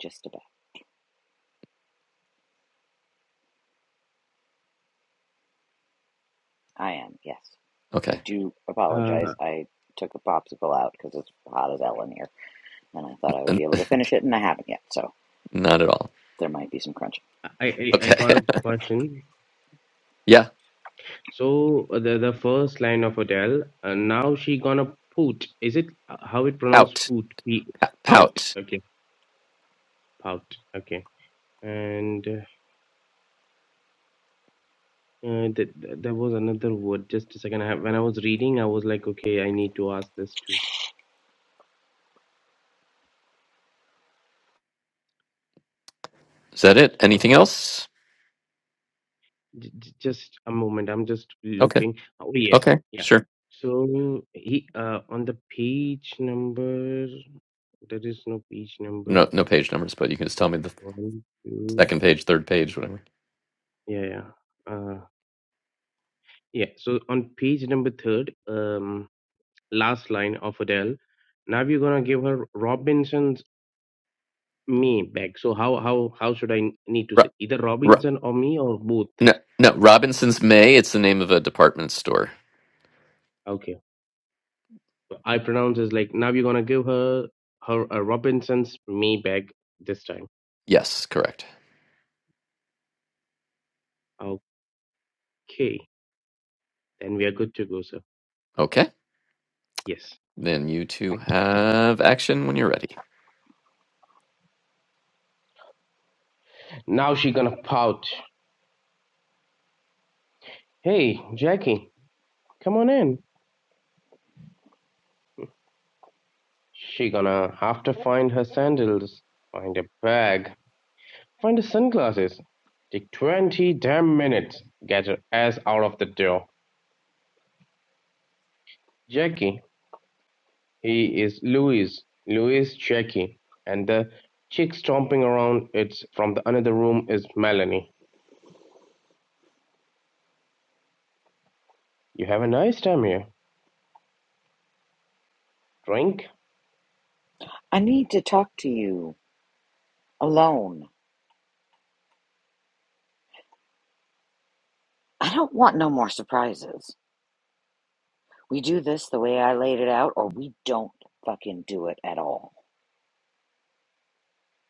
Speaker 1: Just about. I am, yes.
Speaker 2: Okay.
Speaker 1: I do apologize.
Speaker 6: Uh,
Speaker 1: I took a popsicle out because it's hot as hell in here, and I thought I would
Speaker 2: N-
Speaker 1: be able to finish it, and I haven't yet, so
Speaker 2: Not at all.
Speaker 1: there might be some crunching.
Speaker 6: I, I I
Speaker 2: Okay.
Speaker 6: got a question.
Speaker 2: yeah.
Speaker 6: So uh, the the first line of Adele. Uh, now she gonna poot. Is it uh, how it pronounced
Speaker 2: Out.
Speaker 6: poot? P pout.
Speaker 2: Out.
Speaker 6: Okay, pout. Okay. And uh, th- th- there was another word. Just a second. I, when I was reading, I was like, okay, I need to ask this too.
Speaker 2: Is that it?
Speaker 6: Uh,
Speaker 2: Anything else?
Speaker 6: J- j- just a moment. I'm just
Speaker 2: Okay.
Speaker 6: looking. Oh, yes.
Speaker 2: Okay.
Speaker 6: Yeah.
Speaker 2: Sure.
Speaker 6: So he uh, on the page number, there is no page number.
Speaker 2: No, no page numbers, but you can just tell me the
Speaker 6: One, two.
Speaker 2: second page, third page, whatever.
Speaker 6: Yeah. Yeah. Uh, yeah. So on page number third, um, last line of Adele. Now we're gonna give her Robinson's me back. So how how how should I need to
Speaker 2: Ro-
Speaker 6: say either
Speaker 2: ro-
Speaker 6: Robinson or me or both?
Speaker 2: no, no. Robinson's May. It's the name of a department store.
Speaker 6: Okay. I pronounce is like now you're gonna give her her a Robinson's me bag this time.
Speaker 2: Yes, correct.
Speaker 6: Okay, then we are good to go, sir.
Speaker 2: Okay.
Speaker 6: Yes.
Speaker 2: Then you two have action when you're ready.
Speaker 6: Now she gonna pout. Hey, Jackie, come on in. She gonna have to find her sandals, find a bag, find her sunglasses. Take twenty damn minutes. Get her ass out of the door. Jackie, he is Louis. Louis Jackie, and the chick stomping around. It's from the another room is Melanie. You have a nice time here. Drink?
Speaker 1: I need to talk to you alone. I don't want no more surprises. We do this the way I laid it out, or we don't fucking do it at all.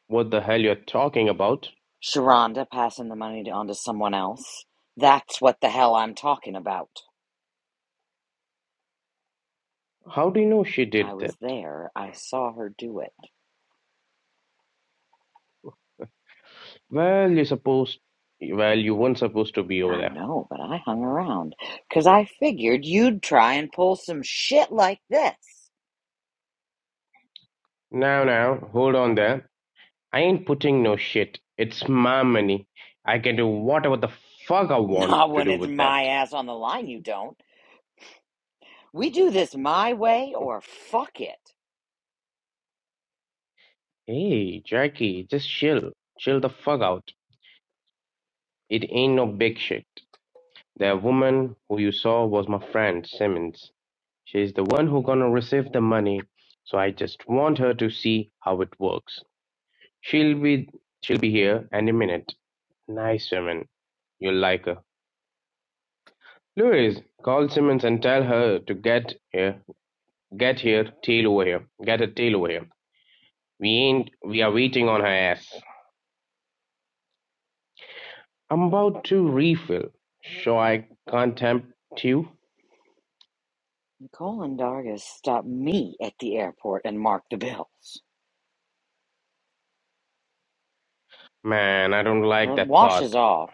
Speaker 6: What the hell you're talking about?
Speaker 1: Sharonda passing the money on to someone else. That's what the hell I'm talking about.
Speaker 6: How do you know she
Speaker 1: I
Speaker 6: did
Speaker 1: was
Speaker 6: that?
Speaker 1: there. I saw her do it.
Speaker 6: Well, you supposed well, you weren't supposed to be over
Speaker 1: I
Speaker 6: there.
Speaker 1: know, but I hung around because I figured you'd try and pull some shit like this.
Speaker 6: Now now, hold on there. I ain't putting no shit. It's my money. I can do whatever the fuck I want
Speaker 1: Not
Speaker 6: to
Speaker 1: when
Speaker 6: do
Speaker 1: it's
Speaker 6: with that.
Speaker 1: my ass on the line, you don't. We do this my way or fuck it.
Speaker 6: Hey, Jackie, just chill. Chill the fuck out. It ain't no big shit. That woman who you saw was my friend Simmons. She's the one who gonna receive the money, so I just want her to see how it works. She'll be she'll be here any minute. Nice woman. You'll like her. Louise, call Simmons and tell her to get here get here, tail over here. Get her tail over here. We ain't we are waiting on her ass. I'm about to refill. Sure, I can't tempt you?
Speaker 1: Nicole and Dargis stopped me at the airport and marked the bills.
Speaker 6: Man, I don't like
Speaker 1: Well, it
Speaker 6: that part.
Speaker 1: washes off.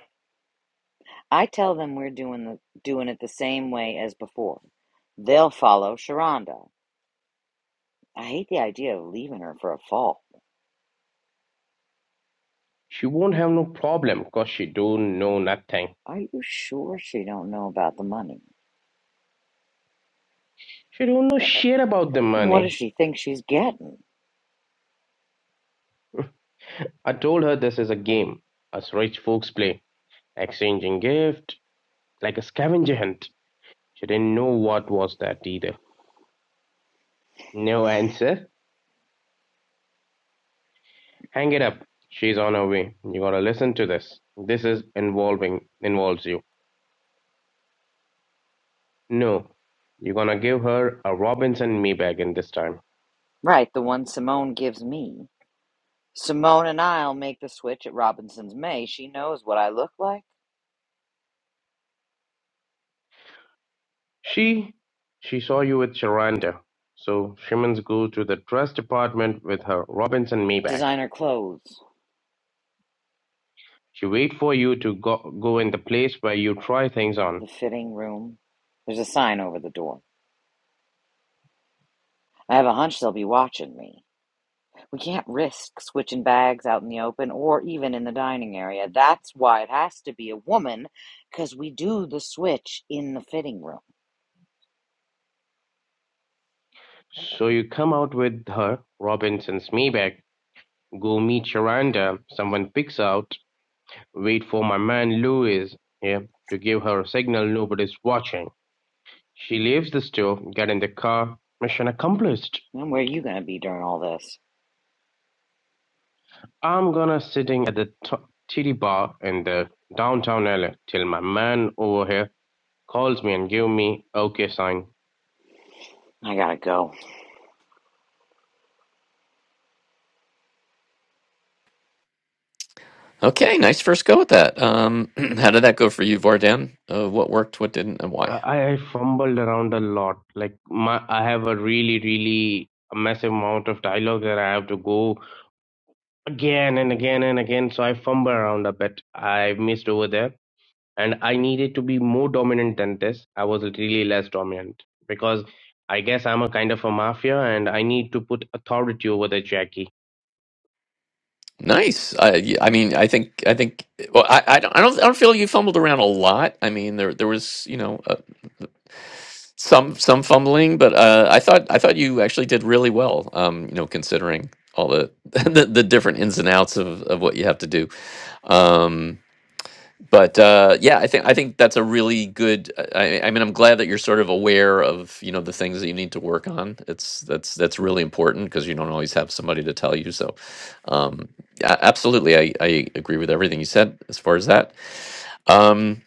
Speaker 1: I tell them we're doing the, doing it the same way as before. They'll follow Sharonda. I hate the idea of leaving her for a fall.
Speaker 6: She won't have no problem, 'cause she don't know nothing.
Speaker 1: Are you sure she don't know about the money?
Speaker 6: She don't know shit about the
Speaker 1: What does
Speaker 6: money.
Speaker 1: she think she's getting?
Speaker 6: I told her this is a game us rich folks play, exchanging gift like a scavenger hunt. She didn't know what was that either. No answer. Hang it up. She's on her way. You gotta listen to this. This is involving involves you. No, you're gonna give her a Robinson Maybach in this time.
Speaker 1: Right, the one Simone gives me. Simone and I'll make the switch at Robinson's May. She knows what I look like.
Speaker 6: She she saw you with Charanda, so Simmons go to the dress department with her Robinson Maybach.
Speaker 1: Designer clothes,
Speaker 6: She wait for you to go, go in the place where you try things on.
Speaker 1: the fitting room. There's a sign over the door. I have a hunch they'll be watching me. We can't risk switching bags out in the open or even in the dining area. That's why it has to be a woman, 'cause we do the switch in the fitting room.
Speaker 6: So you come out with her Robinson's Maybach, go meet Charanda. someone picks out, wait for my man Louis here to give her a signal nobody's watching. She leaves the store, get in the car, mission accomplished.
Speaker 1: And where are you going to be during all this?
Speaker 6: I'm gonna sitting at the t- titty bar in the downtown LA till my man over here calls me and give me okay sign.
Speaker 1: I gotta go.
Speaker 2: Okay, nice first go with that. Um, how did that go for you, Vardan? Uh, what worked, what didn't, and
Speaker 6: I,
Speaker 2: why?
Speaker 6: I fumbled around a lot. Like my, I have a really, really a massive amount of dialogue that I have to go again and again and again. So I fumble around a bit. I missed over there, and I needed to be more dominant than this. I was really less dominant because I guess I'm a kind of a mafia, and I need to put authority over the Jackie
Speaker 2: Nice. I, y- I mean, I think, I think. Well, I, I don't, I don't, I don't feel you fumbled around a lot. I mean, there, there was, you know, uh, some, some fumbling, but uh, I thought, I thought you actually did really well. Um, you know, considering all the, the, the different ins and outs of, of what you have to do. Um, but uh, yeah, I think I think that's a really good. I, I mean, I'm glad that you're sort of aware of you know the things that you need to work on. It's that's that's really important because you don't always have somebody to tell you. So, um, a- absolutely, I, I agree with everything you said as far as that. Um,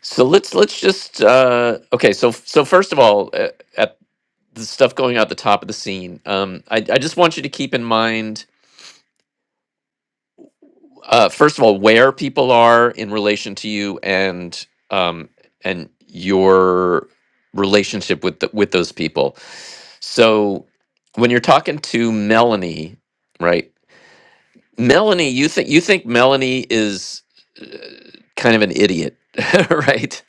Speaker 2: so let's let's just uh, okay. So f- so first of all, uh, at the stuff going out the top of the scene, um, I I just want you to keep in mind uh, first of all, where people are in relation to you and um, and your relationship with the, with those people. So when you're talking to Melanie, right? Melanie, you think you think Melanie is kind of an idiot, right?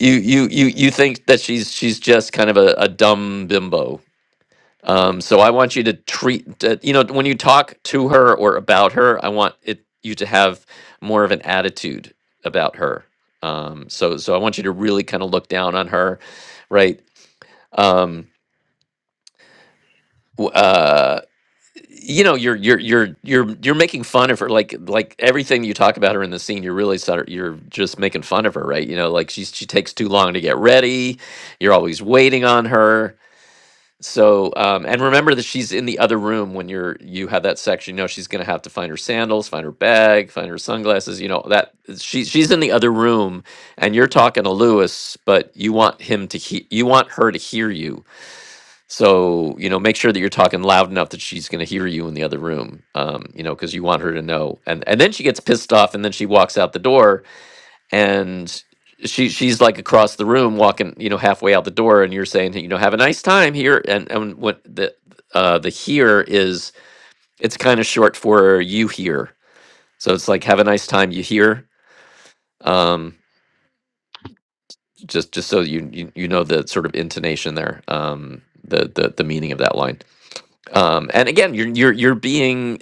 Speaker 2: You you you you think that she's she's just kind of a, a dumb bimbo, Um, so I want you to treat, uh, you know, when you talk to her or about her, I want it you to have more of an attitude about her. Um, so, so I want you to really kind of look down on her, right? Um, w- uh, you know, you're you're you're you're you're making fun of her, like like everything you talk about her in the scene. You're really sort of you're just making fun of her, right? You know, like she's she takes too long to get ready. You're always waiting on her So, um, and remember that she's in the other room when you're you have that section. You know, she's gonna have to find her sandals, find her bag, find her sunglasses. You know that she she's in the other room, and you're talking to Lewis, but you want him to he you want her to hear you. So you know, make sure that you're talking loud enough that she's gonna hear you in the other room. Um, you know, because you want her to know. And and then she gets pissed off, and then she walks out the door, and she she's like across the room walking you know halfway out the door and you're saying "Hey, you know have a nice time here and and what the uh the here is it's kind of short for you here so it's like have a nice time you here um just just so you you, you know the sort of intonation there um the, the the meaning of that line um and again you're you're you're being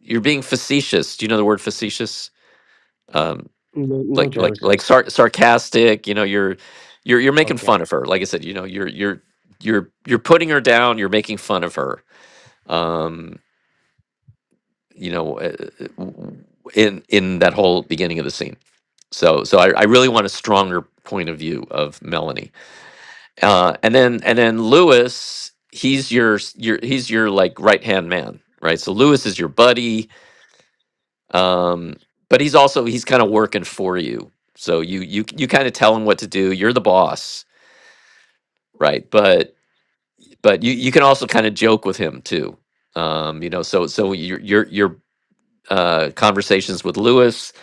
Speaker 2: you're being facetious do you know the word facetious Um.
Speaker 6: No, no
Speaker 2: like like
Speaker 6: Jared,
Speaker 2: like
Speaker 6: sir.
Speaker 2: sar- sarcastic you know you're you're you're making
Speaker 6: Okay.
Speaker 2: fun of her like i said you know you're you're you're you're putting her down you're making fun of her um you know uh, w- in in that whole beginning of the scene so so i, I really want a stronger point of view of melanie uh and then and then lewis he's your s- your he's your like right hand man right so lewis is your buddy um but he's also he's kind of working for you so you you you kind of tell him what to do you're the boss right but but you you can also kind of joke with him too um you know so so your your your uh conversations with lewis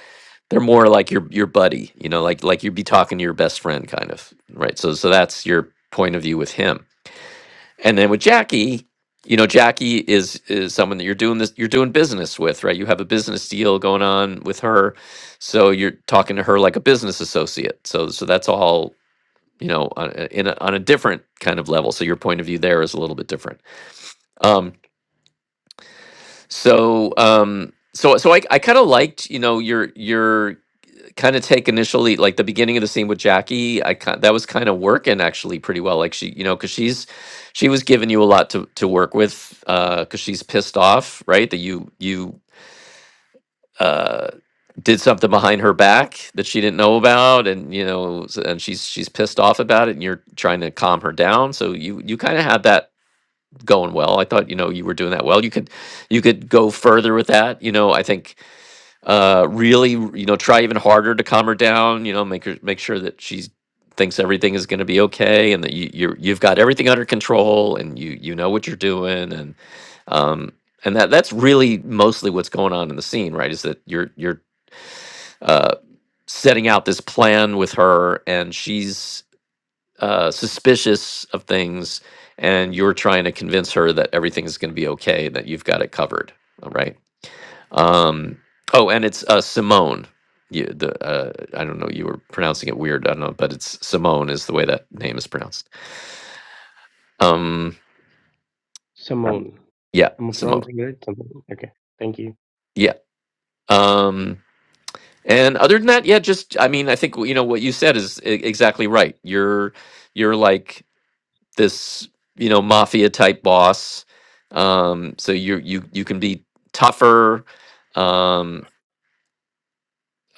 Speaker 2: they're more like your your buddy you know like like you'd be talking to your best friend kind of right so so that's your point of view with him and then with jackie you know jackie is is someone that you're doing this you're doing business with right you have a business deal going on with her so you're talking to her like a business associate so so that's all you know, on uh, in a, on a different kind of level. So your point of view there is a little bit different. Um, so, um, so, so I, I kind of liked, you know, your your kind of take initially, like the beginning of the scene with Jackie. I kind that was kind of working actually pretty well. Like she, you know, because she's she was giving you a lot to to work with because she's pissed off, right? That you you. Uh, did something behind her back that she didn't know about and you know s- and she's she's pissed off about it and you're trying to calm her down so you you kind of had that going well. I thought you know you were doing that well. You could you could go further with that. You know, I think uh, really you know try even harder to calm her down. You know, make her make sure that she thinks everything is going to be okay and that you you're, you've got everything under control and you you know what you're doing and um and that that's really mostly what's going on in the scene right is that you're you're uh setting out this plan with her and she's uh, suspicious of things and you're trying to convince her that everything's going to be okay that you've got it covered all right um, oh and it's uh, simone you, the uh, i don't know you were pronouncing it weird i don't know but it's simone is the way that name is pronounced um,
Speaker 6: Simone.
Speaker 2: yeah
Speaker 6: Am I
Speaker 2: simone
Speaker 6: pronouncing it right? Simone. Okay. Thank you.
Speaker 2: yeah um, and other than that yeah just i mean i think you know what you said is e- exactly right you're you're like this you know mafia type boss um so you you you can be tougher um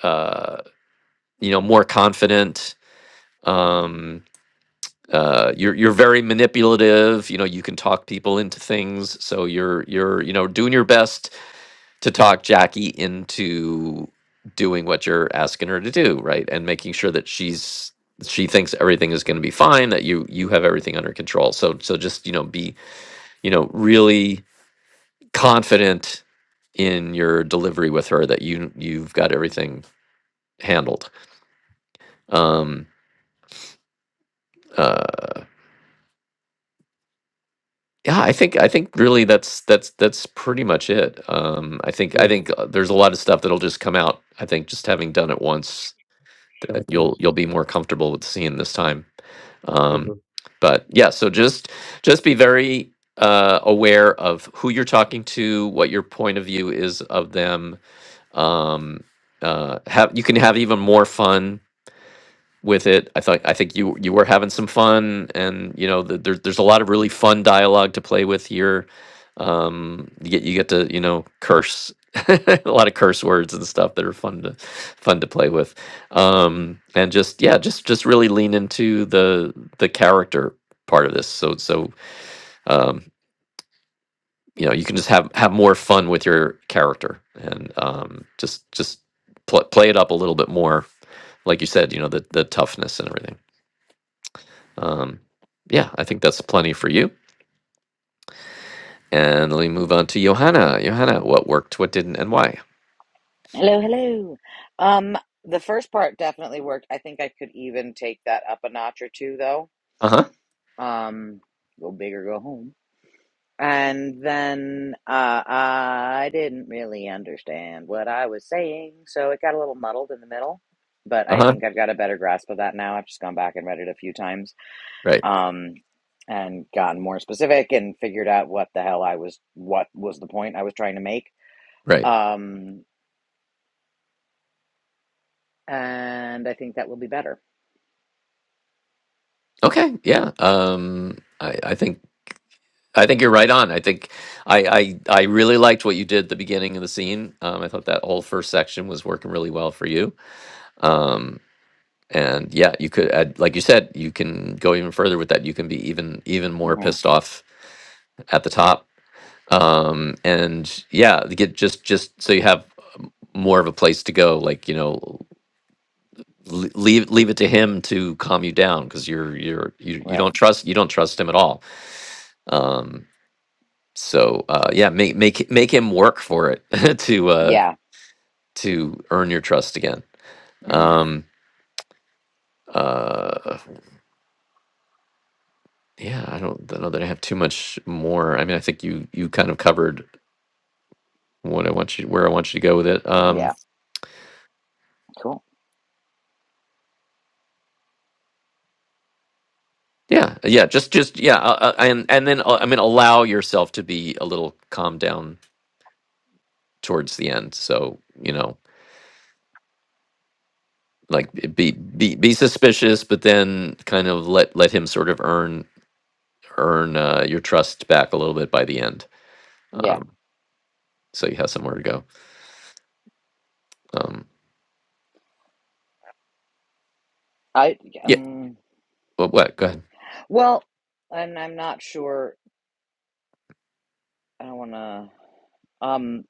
Speaker 2: uh you know more confident um uh you're you're very manipulative you know you can talk people into things so you're you're you know doing your best to talk Jackie into doing what you're asking her to do right and making sure that she's she thinks everything is going to be fine that you you have everything under control so so just you know be you know really confident in your delivery with her that you you've got everything handled. Um, uh, yeah, I think I think really that's that's that's pretty much it. Um, I think I
Speaker 6: No,
Speaker 2: think uh, there's a lot of stuff that'll just come out. I think just having done it once,
Speaker 6: sure.
Speaker 2: that you'll
Speaker 6: Thanks,
Speaker 2: you'll be more comfortable with seeing this time.
Speaker 6: sir.
Speaker 2: Um, but yeah, so just just be very uh, aware of who you're talking to, what your point of view is of them. Um, uh, have you can have even more fun with it. I thought I think you you were having some fun, and you know the, there's there's a lot of really fun dialogue to play with here. Um, you get you get to you know curse a lot of curse words and stuff that are fun to fun to play with, um, and just yeah, just just really lean into the the character part of this. So so um, you know you can just have have more fun with your character and um, just just pl- play it up a little bit more. Like you said, you know the the toughness and everything. Um, yeah, I think that's plenty for you. And let me move on to Johanna. Johanna, what worked, what didn't, and why?
Speaker 1: Hello, hello. Um, the first part definitely worked. I think I could even take that up a notch or two, though.
Speaker 2: Uh huh.
Speaker 1: Um, go big or go home. And then uh, I didn't really understand what I was saying, so it got a little muddled in the middle. But
Speaker 2: Uh
Speaker 1: I
Speaker 2: huh.
Speaker 1: think I've got a better grasp of that now. I've just gone back and read it a few times,
Speaker 2: Right.
Speaker 1: um, and gotten more specific and figured out what the hell I was, what was the point I was trying to make.
Speaker 2: Right.
Speaker 1: Um, and I think that will be better.
Speaker 2: Okay. Yeah. Um, I, I think I think you're right on. I think I, I I really liked what you did at the beginning of the scene. Um, I thought that whole first section was working really well for you. Um, and yeah, you could, add, like you said, you can go even further with that. You can be even even more
Speaker 1: Mm-hmm.
Speaker 2: pissed off at the top um and yeah get just just so you have more of a place to go like you know l- leave leave it to him to calm you down because you're you're you, you
Speaker 1: Right.
Speaker 2: don't trust you don't trust him at all um so uh yeah make make make him work for it to uh
Speaker 1: Yeah.
Speaker 2: to earn your trust again
Speaker 1: hmm
Speaker 2: um uh yeah i don't know that i have too much more i mean i think you you kind of covered what i want you where i want you to go with it um
Speaker 1: Yeah. Cool.
Speaker 2: yeah yeah just just yeah uh, uh, and and then uh, i mean allow yourself to be a little calmed down towards the end. So you know, like be be be suspicious, but then kind of let let him sort of earn earn uh, your trust back a little bit by the end.
Speaker 1: Yeah.
Speaker 2: Um, so you have somewhere to go. Um,
Speaker 1: I
Speaker 2: yeah.
Speaker 1: um
Speaker 2: What? What? Go ahead.
Speaker 1: well, and I'm not sure I don't want to um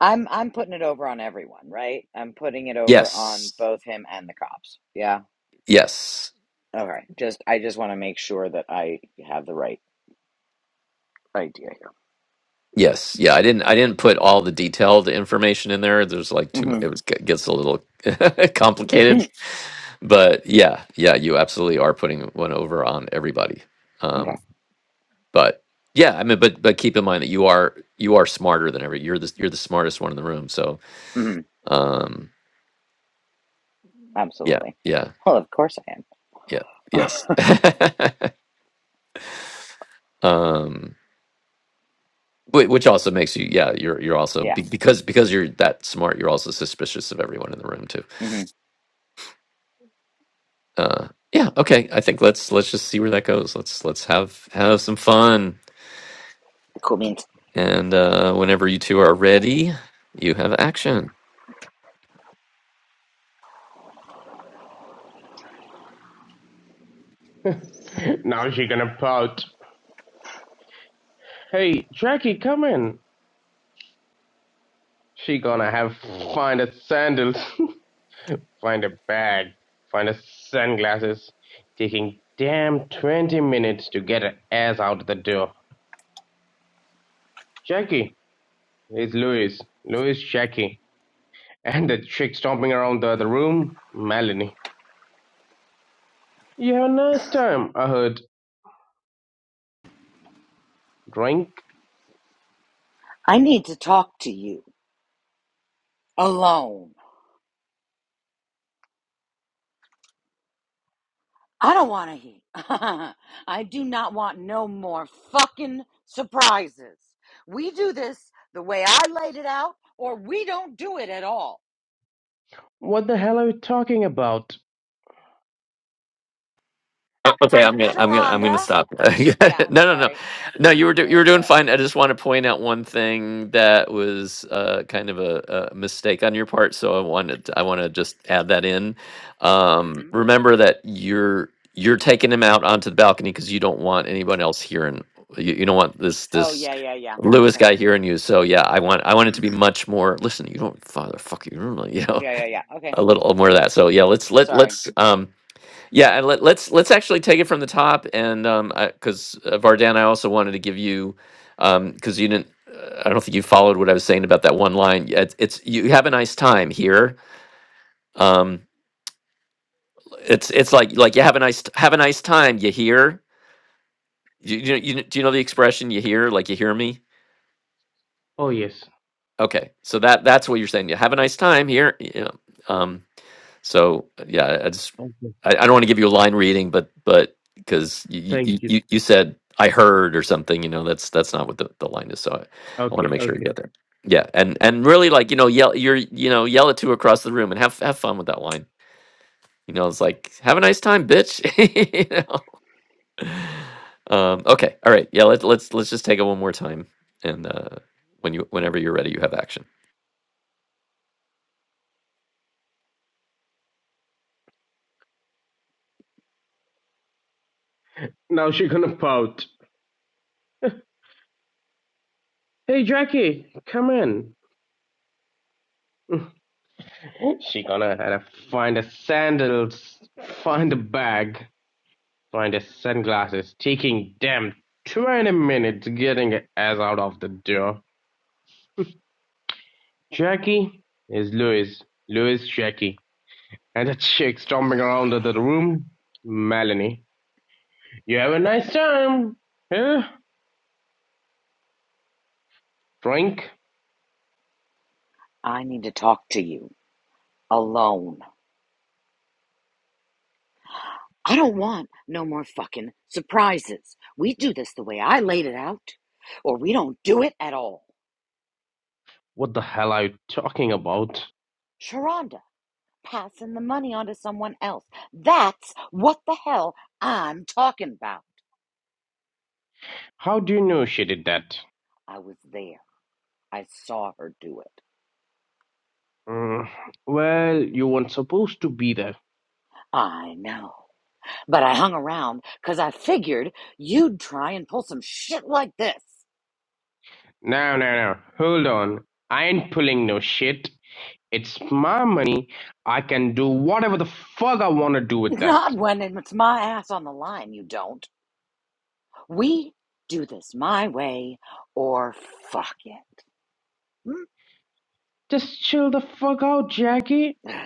Speaker 1: I'm I'm putting it over on everyone, right? I'm putting it over on
Speaker 2: Yes.
Speaker 1: both him and the cops. Yeah.
Speaker 2: Yes.
Speaker 1: Okay. Just I just want to make sure that I have the right idea
Speaker 2: Yes. Yeah. I didn't. I didn't put all the detailed information in there. There's like too. mu-
Speaker 1: here.
Speaker 2: It was it gets a little
Speaker 1: hmm
Speaker 2: complicated. But yeah, yeah, you absolutely are putting one over on everybody. Um,
Speaker 1: okay.
Speaker 2: but yeah i mean but but keep in mind that you are you are smarter than every you're the you're the smartest one in the room so
Speaker 1: hmm
Speaker 2: um yeah
Speaker 1: Absolutely.
Speaker 2: yeah
Speaker 1: Well, of course I
Speaker 2: yeah yes
Speaker 1: am.
Speaker 2: um whi- which also makes you yeah you're you're also
Speaker 1: yeah.
Speaker 2: be- because because you're that smart you're also suspicious of everyone in the room too
Speaker 1: hmm
Speaker 2: uh yeah okay i think let's let's just see where that goes let's let's have have some fun
Speaker 1: Cool means
Speaker 2: and uh whenever you two are ready you have action
Speaker 6: hmm Now she gonna pout. Hey, Jackie, come in. She gonna have find a sandals, find a bag, find a sunglasses. Taking damn 20 minutes to get her ass out the door. Jackie, it's Louis. Louis, Jackie. And the chick stomping around the other room, Melanie. You have a nice time, I heard. Drink?
Speaker 1: I need to talk to you alone. I don't want to eat. I do not want no more fucking surprises. We do this the way I laid it out, or we don't do it at all.
Speaker 6: What the hell are you talking about?
Speaker 2: Oh, okay, I'm gonna, I'm gonna, I'm gonna
Speaker 1: Sharonda?
Speaker 2: stop. no,
Speaker 1: Yeah, I'm
Speaker 2: no, no,
Speaker 1: sorry.
Speaker 2: no. You were, do,
Speaker 1: There
Speaker 2: you were
Speaker 1: was
Speaker 2: doing
Speaker 1: a.
Speaker 2: fine. I just want to point out one thing that was uh, kind of a, a mistake on your part. So I wanted, I want to just add that in. Um,
Speaker 1: hmm
Speaker 2: remember that you're, you're taking him out onto the balcony because you don't want anyone else hearing. You, you don't want this,
Speaker 1: Oh,
Speaker 2: this
Speaker 1: yeah, yeah, yeah.
Speaker 2: Lewis
Speaker 1: Okay.
Speaker 2: guy hearing you. So yeah, I want, I want
Speaker 1: hmm
Speaker 2: it to be much more. Listen, you don't, father, fuck you, you know,
Speaker 1: Yeah, yeah, yeah. Okay.
Speaker 2: a little more of that. So yeah, let's, let,
Speaker 1: Sorry.
Speaker 2: let's, um yeah, and let, let's let's actually take it from the top, and um, because uh, Vardan, I also wanted to give you, um, because you didn't, uh, I don't think you followed what I was saying about that one line. Yeah, It's, it's you have a nice time here. Um, it's it's like like you have a nice have a nice time. You hear, you, you, you do you know the expression you hear like you hear me?
Speaker 6: Oh, yes.
Speaker 2: Okay, so that that's what you're saying. You have a nice time here. You know, um, So yeah, I just
Speaker 6: Okay.
Speaker 2: I, I don't want to give you a line reading, but but because you,
Speaker 6: Thank
Speaker 2: you
Speaker 6: you.
Speaker 2: you you said I heard or something, you know, that's that's not what the, the line is. So I, I want
Speaker 6: Okay,
Speaker 2: to make sure you
Speaker 6: okay.
Speaker 2: get there. Yeah, and and really like you know yell you're you know yell it to across the room and have have fun with that line. You know, it's like have a nice time, bitch. you know. Um, okay, all right, yeah. Let's let's let's just take it one more time, and uh, when you whenever you're ready, you have action.
Speaker 6: Now she gonna pout. Hey, Jackie, come in. She gonna uh, find a sandals, find a bag, find a sunglasses, taking them 20 minutes getting her ass out of the door. Jackie is Louis. Louis, Jackie. And the chick stomping around the room, Melanie. You have a nice time. Huh? Frank.
Speaker 1: I need to talk to you alone. I don't want no more fucking surprises. We do this the way I laid it out, or we don't do it at all.
Speaker 6: What the hell are you talking about?
Speaker 1: Sharonda. passing the money on to someone else. That's what the hell I'm talking about.
Speaker 6: How do you know she did that?
Speaker 1: I was there. I saw her do it.
Speaker 6: Mm, well, you weren't supposed to be there.
Speaker 1: I know. But I hung around because I figured you'd try and pull some shit like this.
Speaker 6: No, no, no. Hold on. I ain't pulling no shit. It's my money. I can do whatever the fuck I want to do with that.
Speaker 1: Not when it's my ass on the line, you don't. We do this my way or fuck it. Hmm?
Speaker 6: Just chill the fuck out, Jackie.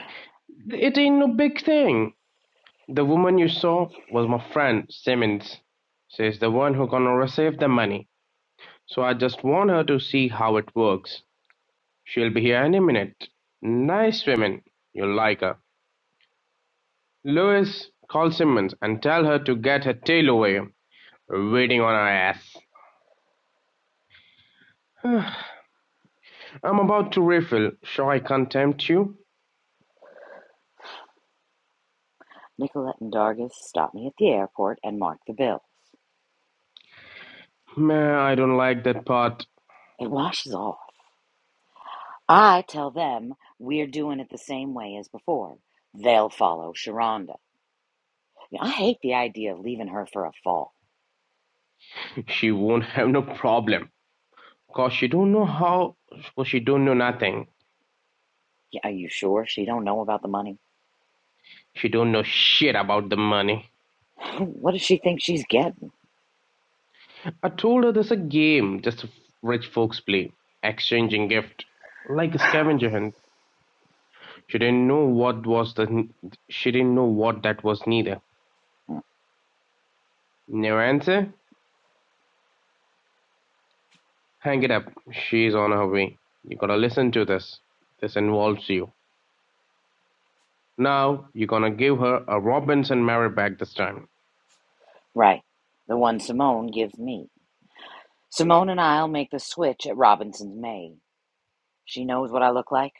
Speaker 6: It ain't no big thing. The woman you saw was my friend, Simmons. She's the one who gonna receive the money. So I just want her to see how it works. She'll be here any minute. Nice woman. You'll like her. Louis, call Simmons and tell her to get her tail away. Waiting on her ass. I'm about to refill. Shall I contempt you?
Speaker 1: Nicolette and Dargis stopped me at the airport and marked the bill.
Speaker 6: Man, I don't like that part.
Speaker 1: It washes off. I tell them we're doing it the same way as before. They'll follow Sharonda. I hate the idea of leaving her for a fall.
Speaker 6: She won't have no problem. Cause she don't know how cause she don't know nothing.
Speaker 1: Yeah, Are you sure she don't know about the money?
Speaker 6: She don't know shit about the money.
Speaker 1: What does she think she's getting?
Speaker 6: I told her there's a game just rich folks play. Exchanging gift. Like a scavenger hunt. She didn't know what was the she didn't know what that was neither.
Speaker 1: Mm,
Speaker 6: No answer? Hang it up. She's on her way. You gotta listen to this. This involves you. Now you're gonna give her a Robinson Mary bag this time.
Speaker 1: Right, the one Simone gives me. Simone and I'll make the switch at Robinson's May. She knows what I look like.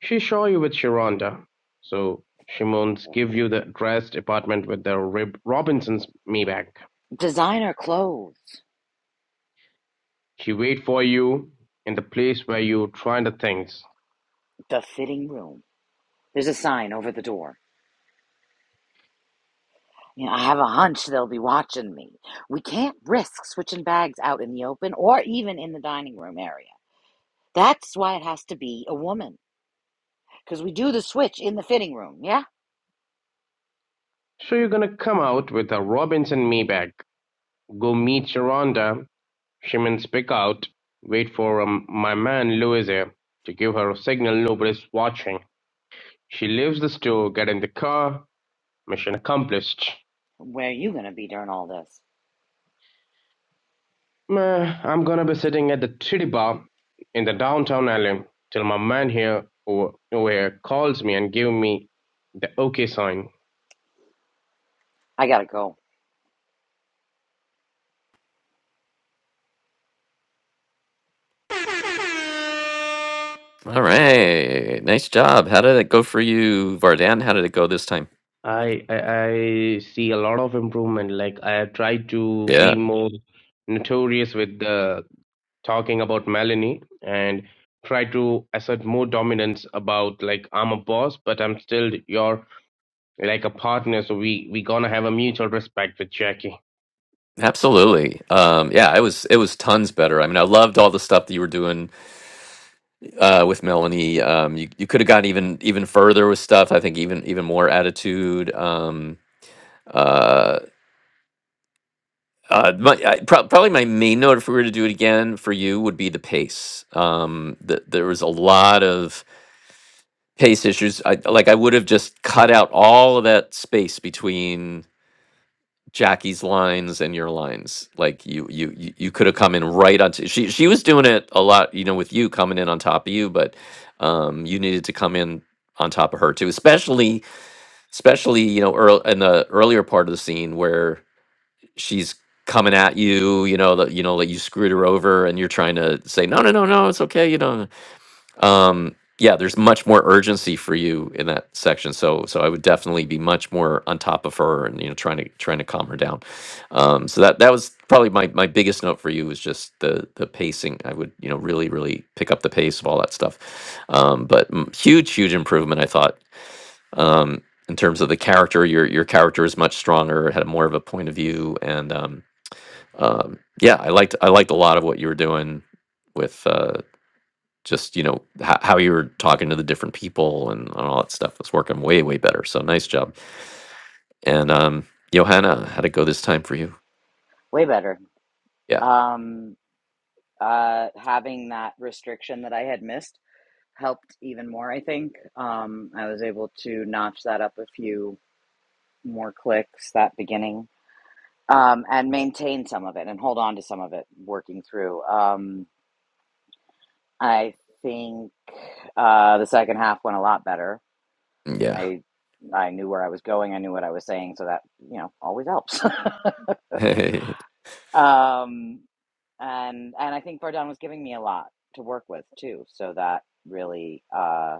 Speaker 6: She saw you with Sharonda. So she moans give you the dressed apartment with the Rib- Robinson's me bag.
Speaker 1: Designer clothes.
Speaker 6: She wait for you in the place where you find the things.
Speaker 1: The fitting room. There's a sign over the door. You know, I have a hunch they'll be watching me. We can't risk switching bags out in the open or even in the dining room area. That's why it has to be a woman, because we do the switch in the fitting room, yeah?
Speaker 6: So you're gonna come out with a Robinson me bag. Go meet Sharonda Women speak out, wait for um, my man Louis here to give her a signal nobody's watching. She leaves the store, get in the car, mission accomplished.
Speaker 1: Where are you going to be during all this?
Speaker 6: Meh, I'm gonna be sitting at the titty bar in the downtown alley till my man here over, over here calls me and give me the okay sign.
Speaker 1: I got to go.
Speaker 2: All right, nice job. How did it go for you, Vardan? How did it go this time?
Speaker 6: I, I I see a lot of improvement. Like I try to be
Speaker 2: Yeah,
Speaker 6: more notorious with the talking about Melanie and try to assert more dominance about like I'm a boss, but I'm still your like a partner. So we we gonna have a mutual respect with Jackie.
Speaker 2: absolutely. Um, yeah, it was it was tons better. I mean, I loved all the stuff that you were doing uh, with Melanie. Um, you you could have gone even even further with stuff. I think even even more attitude. Um, uh, uh, my, I, prob- probably my main note, if we were to do it again for you, would be the pace. Um, th- there was a lot of pace issues. I like I would have just cut out all of that space between. Jackie's lines and your lines. Like you, you, you, you could have come in right on. T- she, she was doing it a lot, you know, with you coming in on top of you, but um, you needed to come in on top of her too, especially, especially, you know, earl in the earlier part of the scene where she's coming at you, you know, that you know, that you screwed her over, and you're trying to say, no, no, no, no, it's okay, you know um yeah there's much more urgency for you in that section so so i would definitely be much more on top of her and you know trying to trying to calm her down um so that that was probably my my biggest note for you was just the the pacing i would you know really really pick up the pace of all that stuff um but mm, huge huge improvement i thought um in terms of the character your your character is much stronger had more of a point of view and um um yeah i liked i liked a lot of what you were doing with uh just you know h- how you were talking to the different people and all that stuff was working way way better so nice job and um johanna how'd it go this time for you
Speaker 1: Way better.
Speaker 2: yeah
Speaker 1: Um, uh, having that restriction that I had missed helped even more, I think. Um, I was able to notch that up a few more clicks that beginning um, and maintain some of it and hold on to some of it working through. Um, I think uh, the second half went a lot better.
Speaker 2: yeah
Speaker 1: I I knew where I was going. I knew what I was saying, so that you know always helps. um, and and I think Bardon was giving me a lot to work with too, so that really uh,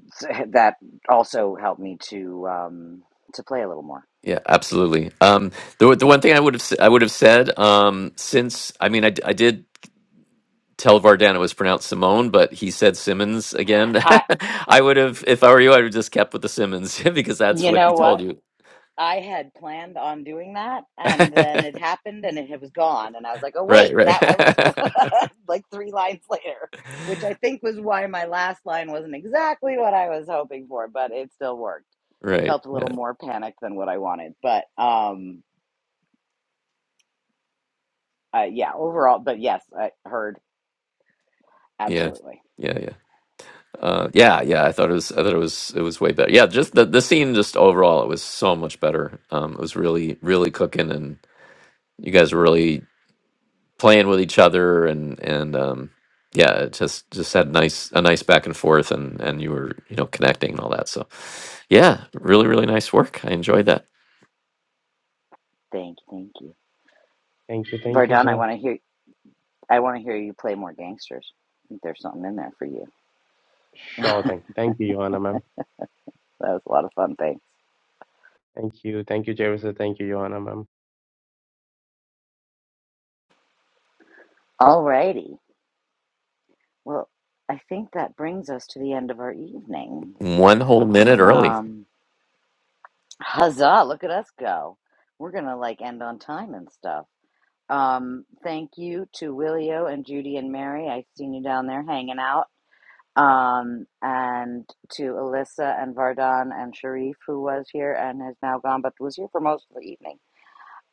Speaker 1: that also helped me to um, to play a little more.
Speaker 2: yeah absolutely um the, the one thing i would have s- i would have said um since i mean i, d- I did tell vardan it was pronounced simone but he said simmons again
Speaker 1: I
Speaker 2: i would have if i were you i would have just kept with the simmons because that's
Speaker 1: you
Speaker 2: what he
Speaker 1: know what
Speaker 2: told you
Speaker 1: I had planned on doing that, and then it happened, and it, it was gone. And I was like, "Oh wait,
Speaker 2: right
Speaker 1: that
Speaker 2: right
Speaker 1: I was like three lines later," which I think was why my last line wasn't exactly what I was hoping for, but it still worked.
Speaker 2: right
Speaker 1: Felt a little
Speaker 2: Yeah,
Speaker 1: more panicked than what I wanted, but um, uh, yeah, overall, but yes, I heard
Speaker 2: yeah
Speaker 1: absolutely.
Speaker 2: yeah yeah Uh, yeah, yeah. I thought it was. I thought it was. It was way better. Yeah, just the the scene. Just overall, it was so much better. Um, it was really, really cooking, and you guys were really playing with each other, and and um, yeah, it just just had nice a nice back and forth, and and you were you know connecting and all that. So, yeah, really, really nice work. I enjoyed that.
Speaker 1: Thank, you. thank you,
Speaker 6: Thank you, thank you,
Speaker 1: Vardon. I
Speaker 6: sir.
Speaker 1: want to hear, I want to hear you play more gangsters. I think there's something in there for you.
Speaker 6: Sure
Speaker 1: That
Speaker 6: thing. Thank you, Johanna, ma'am.
Speaker 1: was a lot of fun. Thanks.
Speaker 6: Thank you, thank you, Jerry, sir. Thank you, Johanna, ma'am.
Speaker 1: Alrighty. Well, I think that brings us to the end of our evening.
Speaker 2: One whole minute early.
Speaker 1: Um, huzzah, look at us go. We're going to like end on time and stuff. Um, thank you to Willio and Judy and Mary. I seen you down there hanging out. Um, and to Alyssa and Vardan and Sharif, who was here and has now gone, but was here for most of the evening.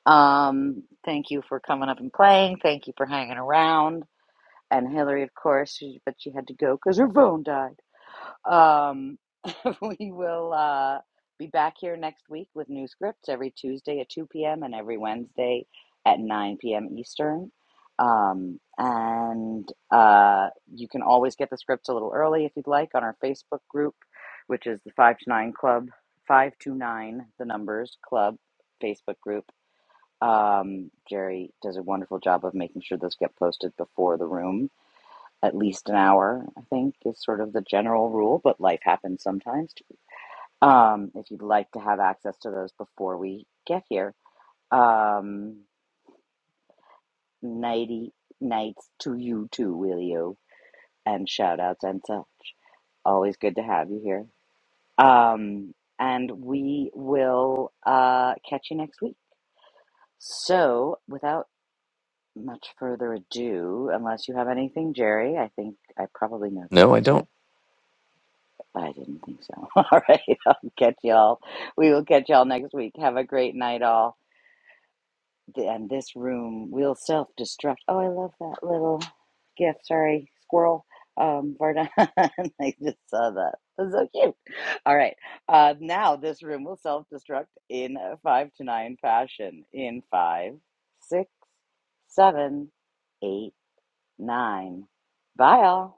Speaker 1: Um, thank you for coming up and playing. Thank you for hanging around. And Hillary, of course, she, but she had to go because her phone died. Um, we will uh, be back here next week with new scripts every Tuesday at 2 p.m. and every Wednesday at 9 p.m. Eastern. Um, and uh, you can always get the scripts a little early if you'd like on our Facebook group, which is the 5 to 9 Club, five to nine, The Numbers Club Facebook group. Um, Jerry does a wonderful job of making sure those get posted before the room at least an hour, I think, is sort of the general rule, but life happens sometimes. Um, if you'd like to have access to those before we get here, um, nighty nights to you too, will you? And shout outs and such. Always good to have you here. Um, and we will uh, catch you next week. So, without much further ado, unless you have anything, Jerry, I think I probably know the
Speaker 2: No, I
Speaker 1: answer.
Speaker 2: don't.
Speaker 1: I didn't think so. All right. I'll catch y'all. We will catch y'all next week. Have a great night, all. And this room will self destruct. Oh, I love that little gift. Sorry, squirrel. Um, Varda. I just saw that. That's so cute. All right. Uh, now this room will self destruct in a five to nine fashion. In five, six, seven, eight, nine. Bye, all.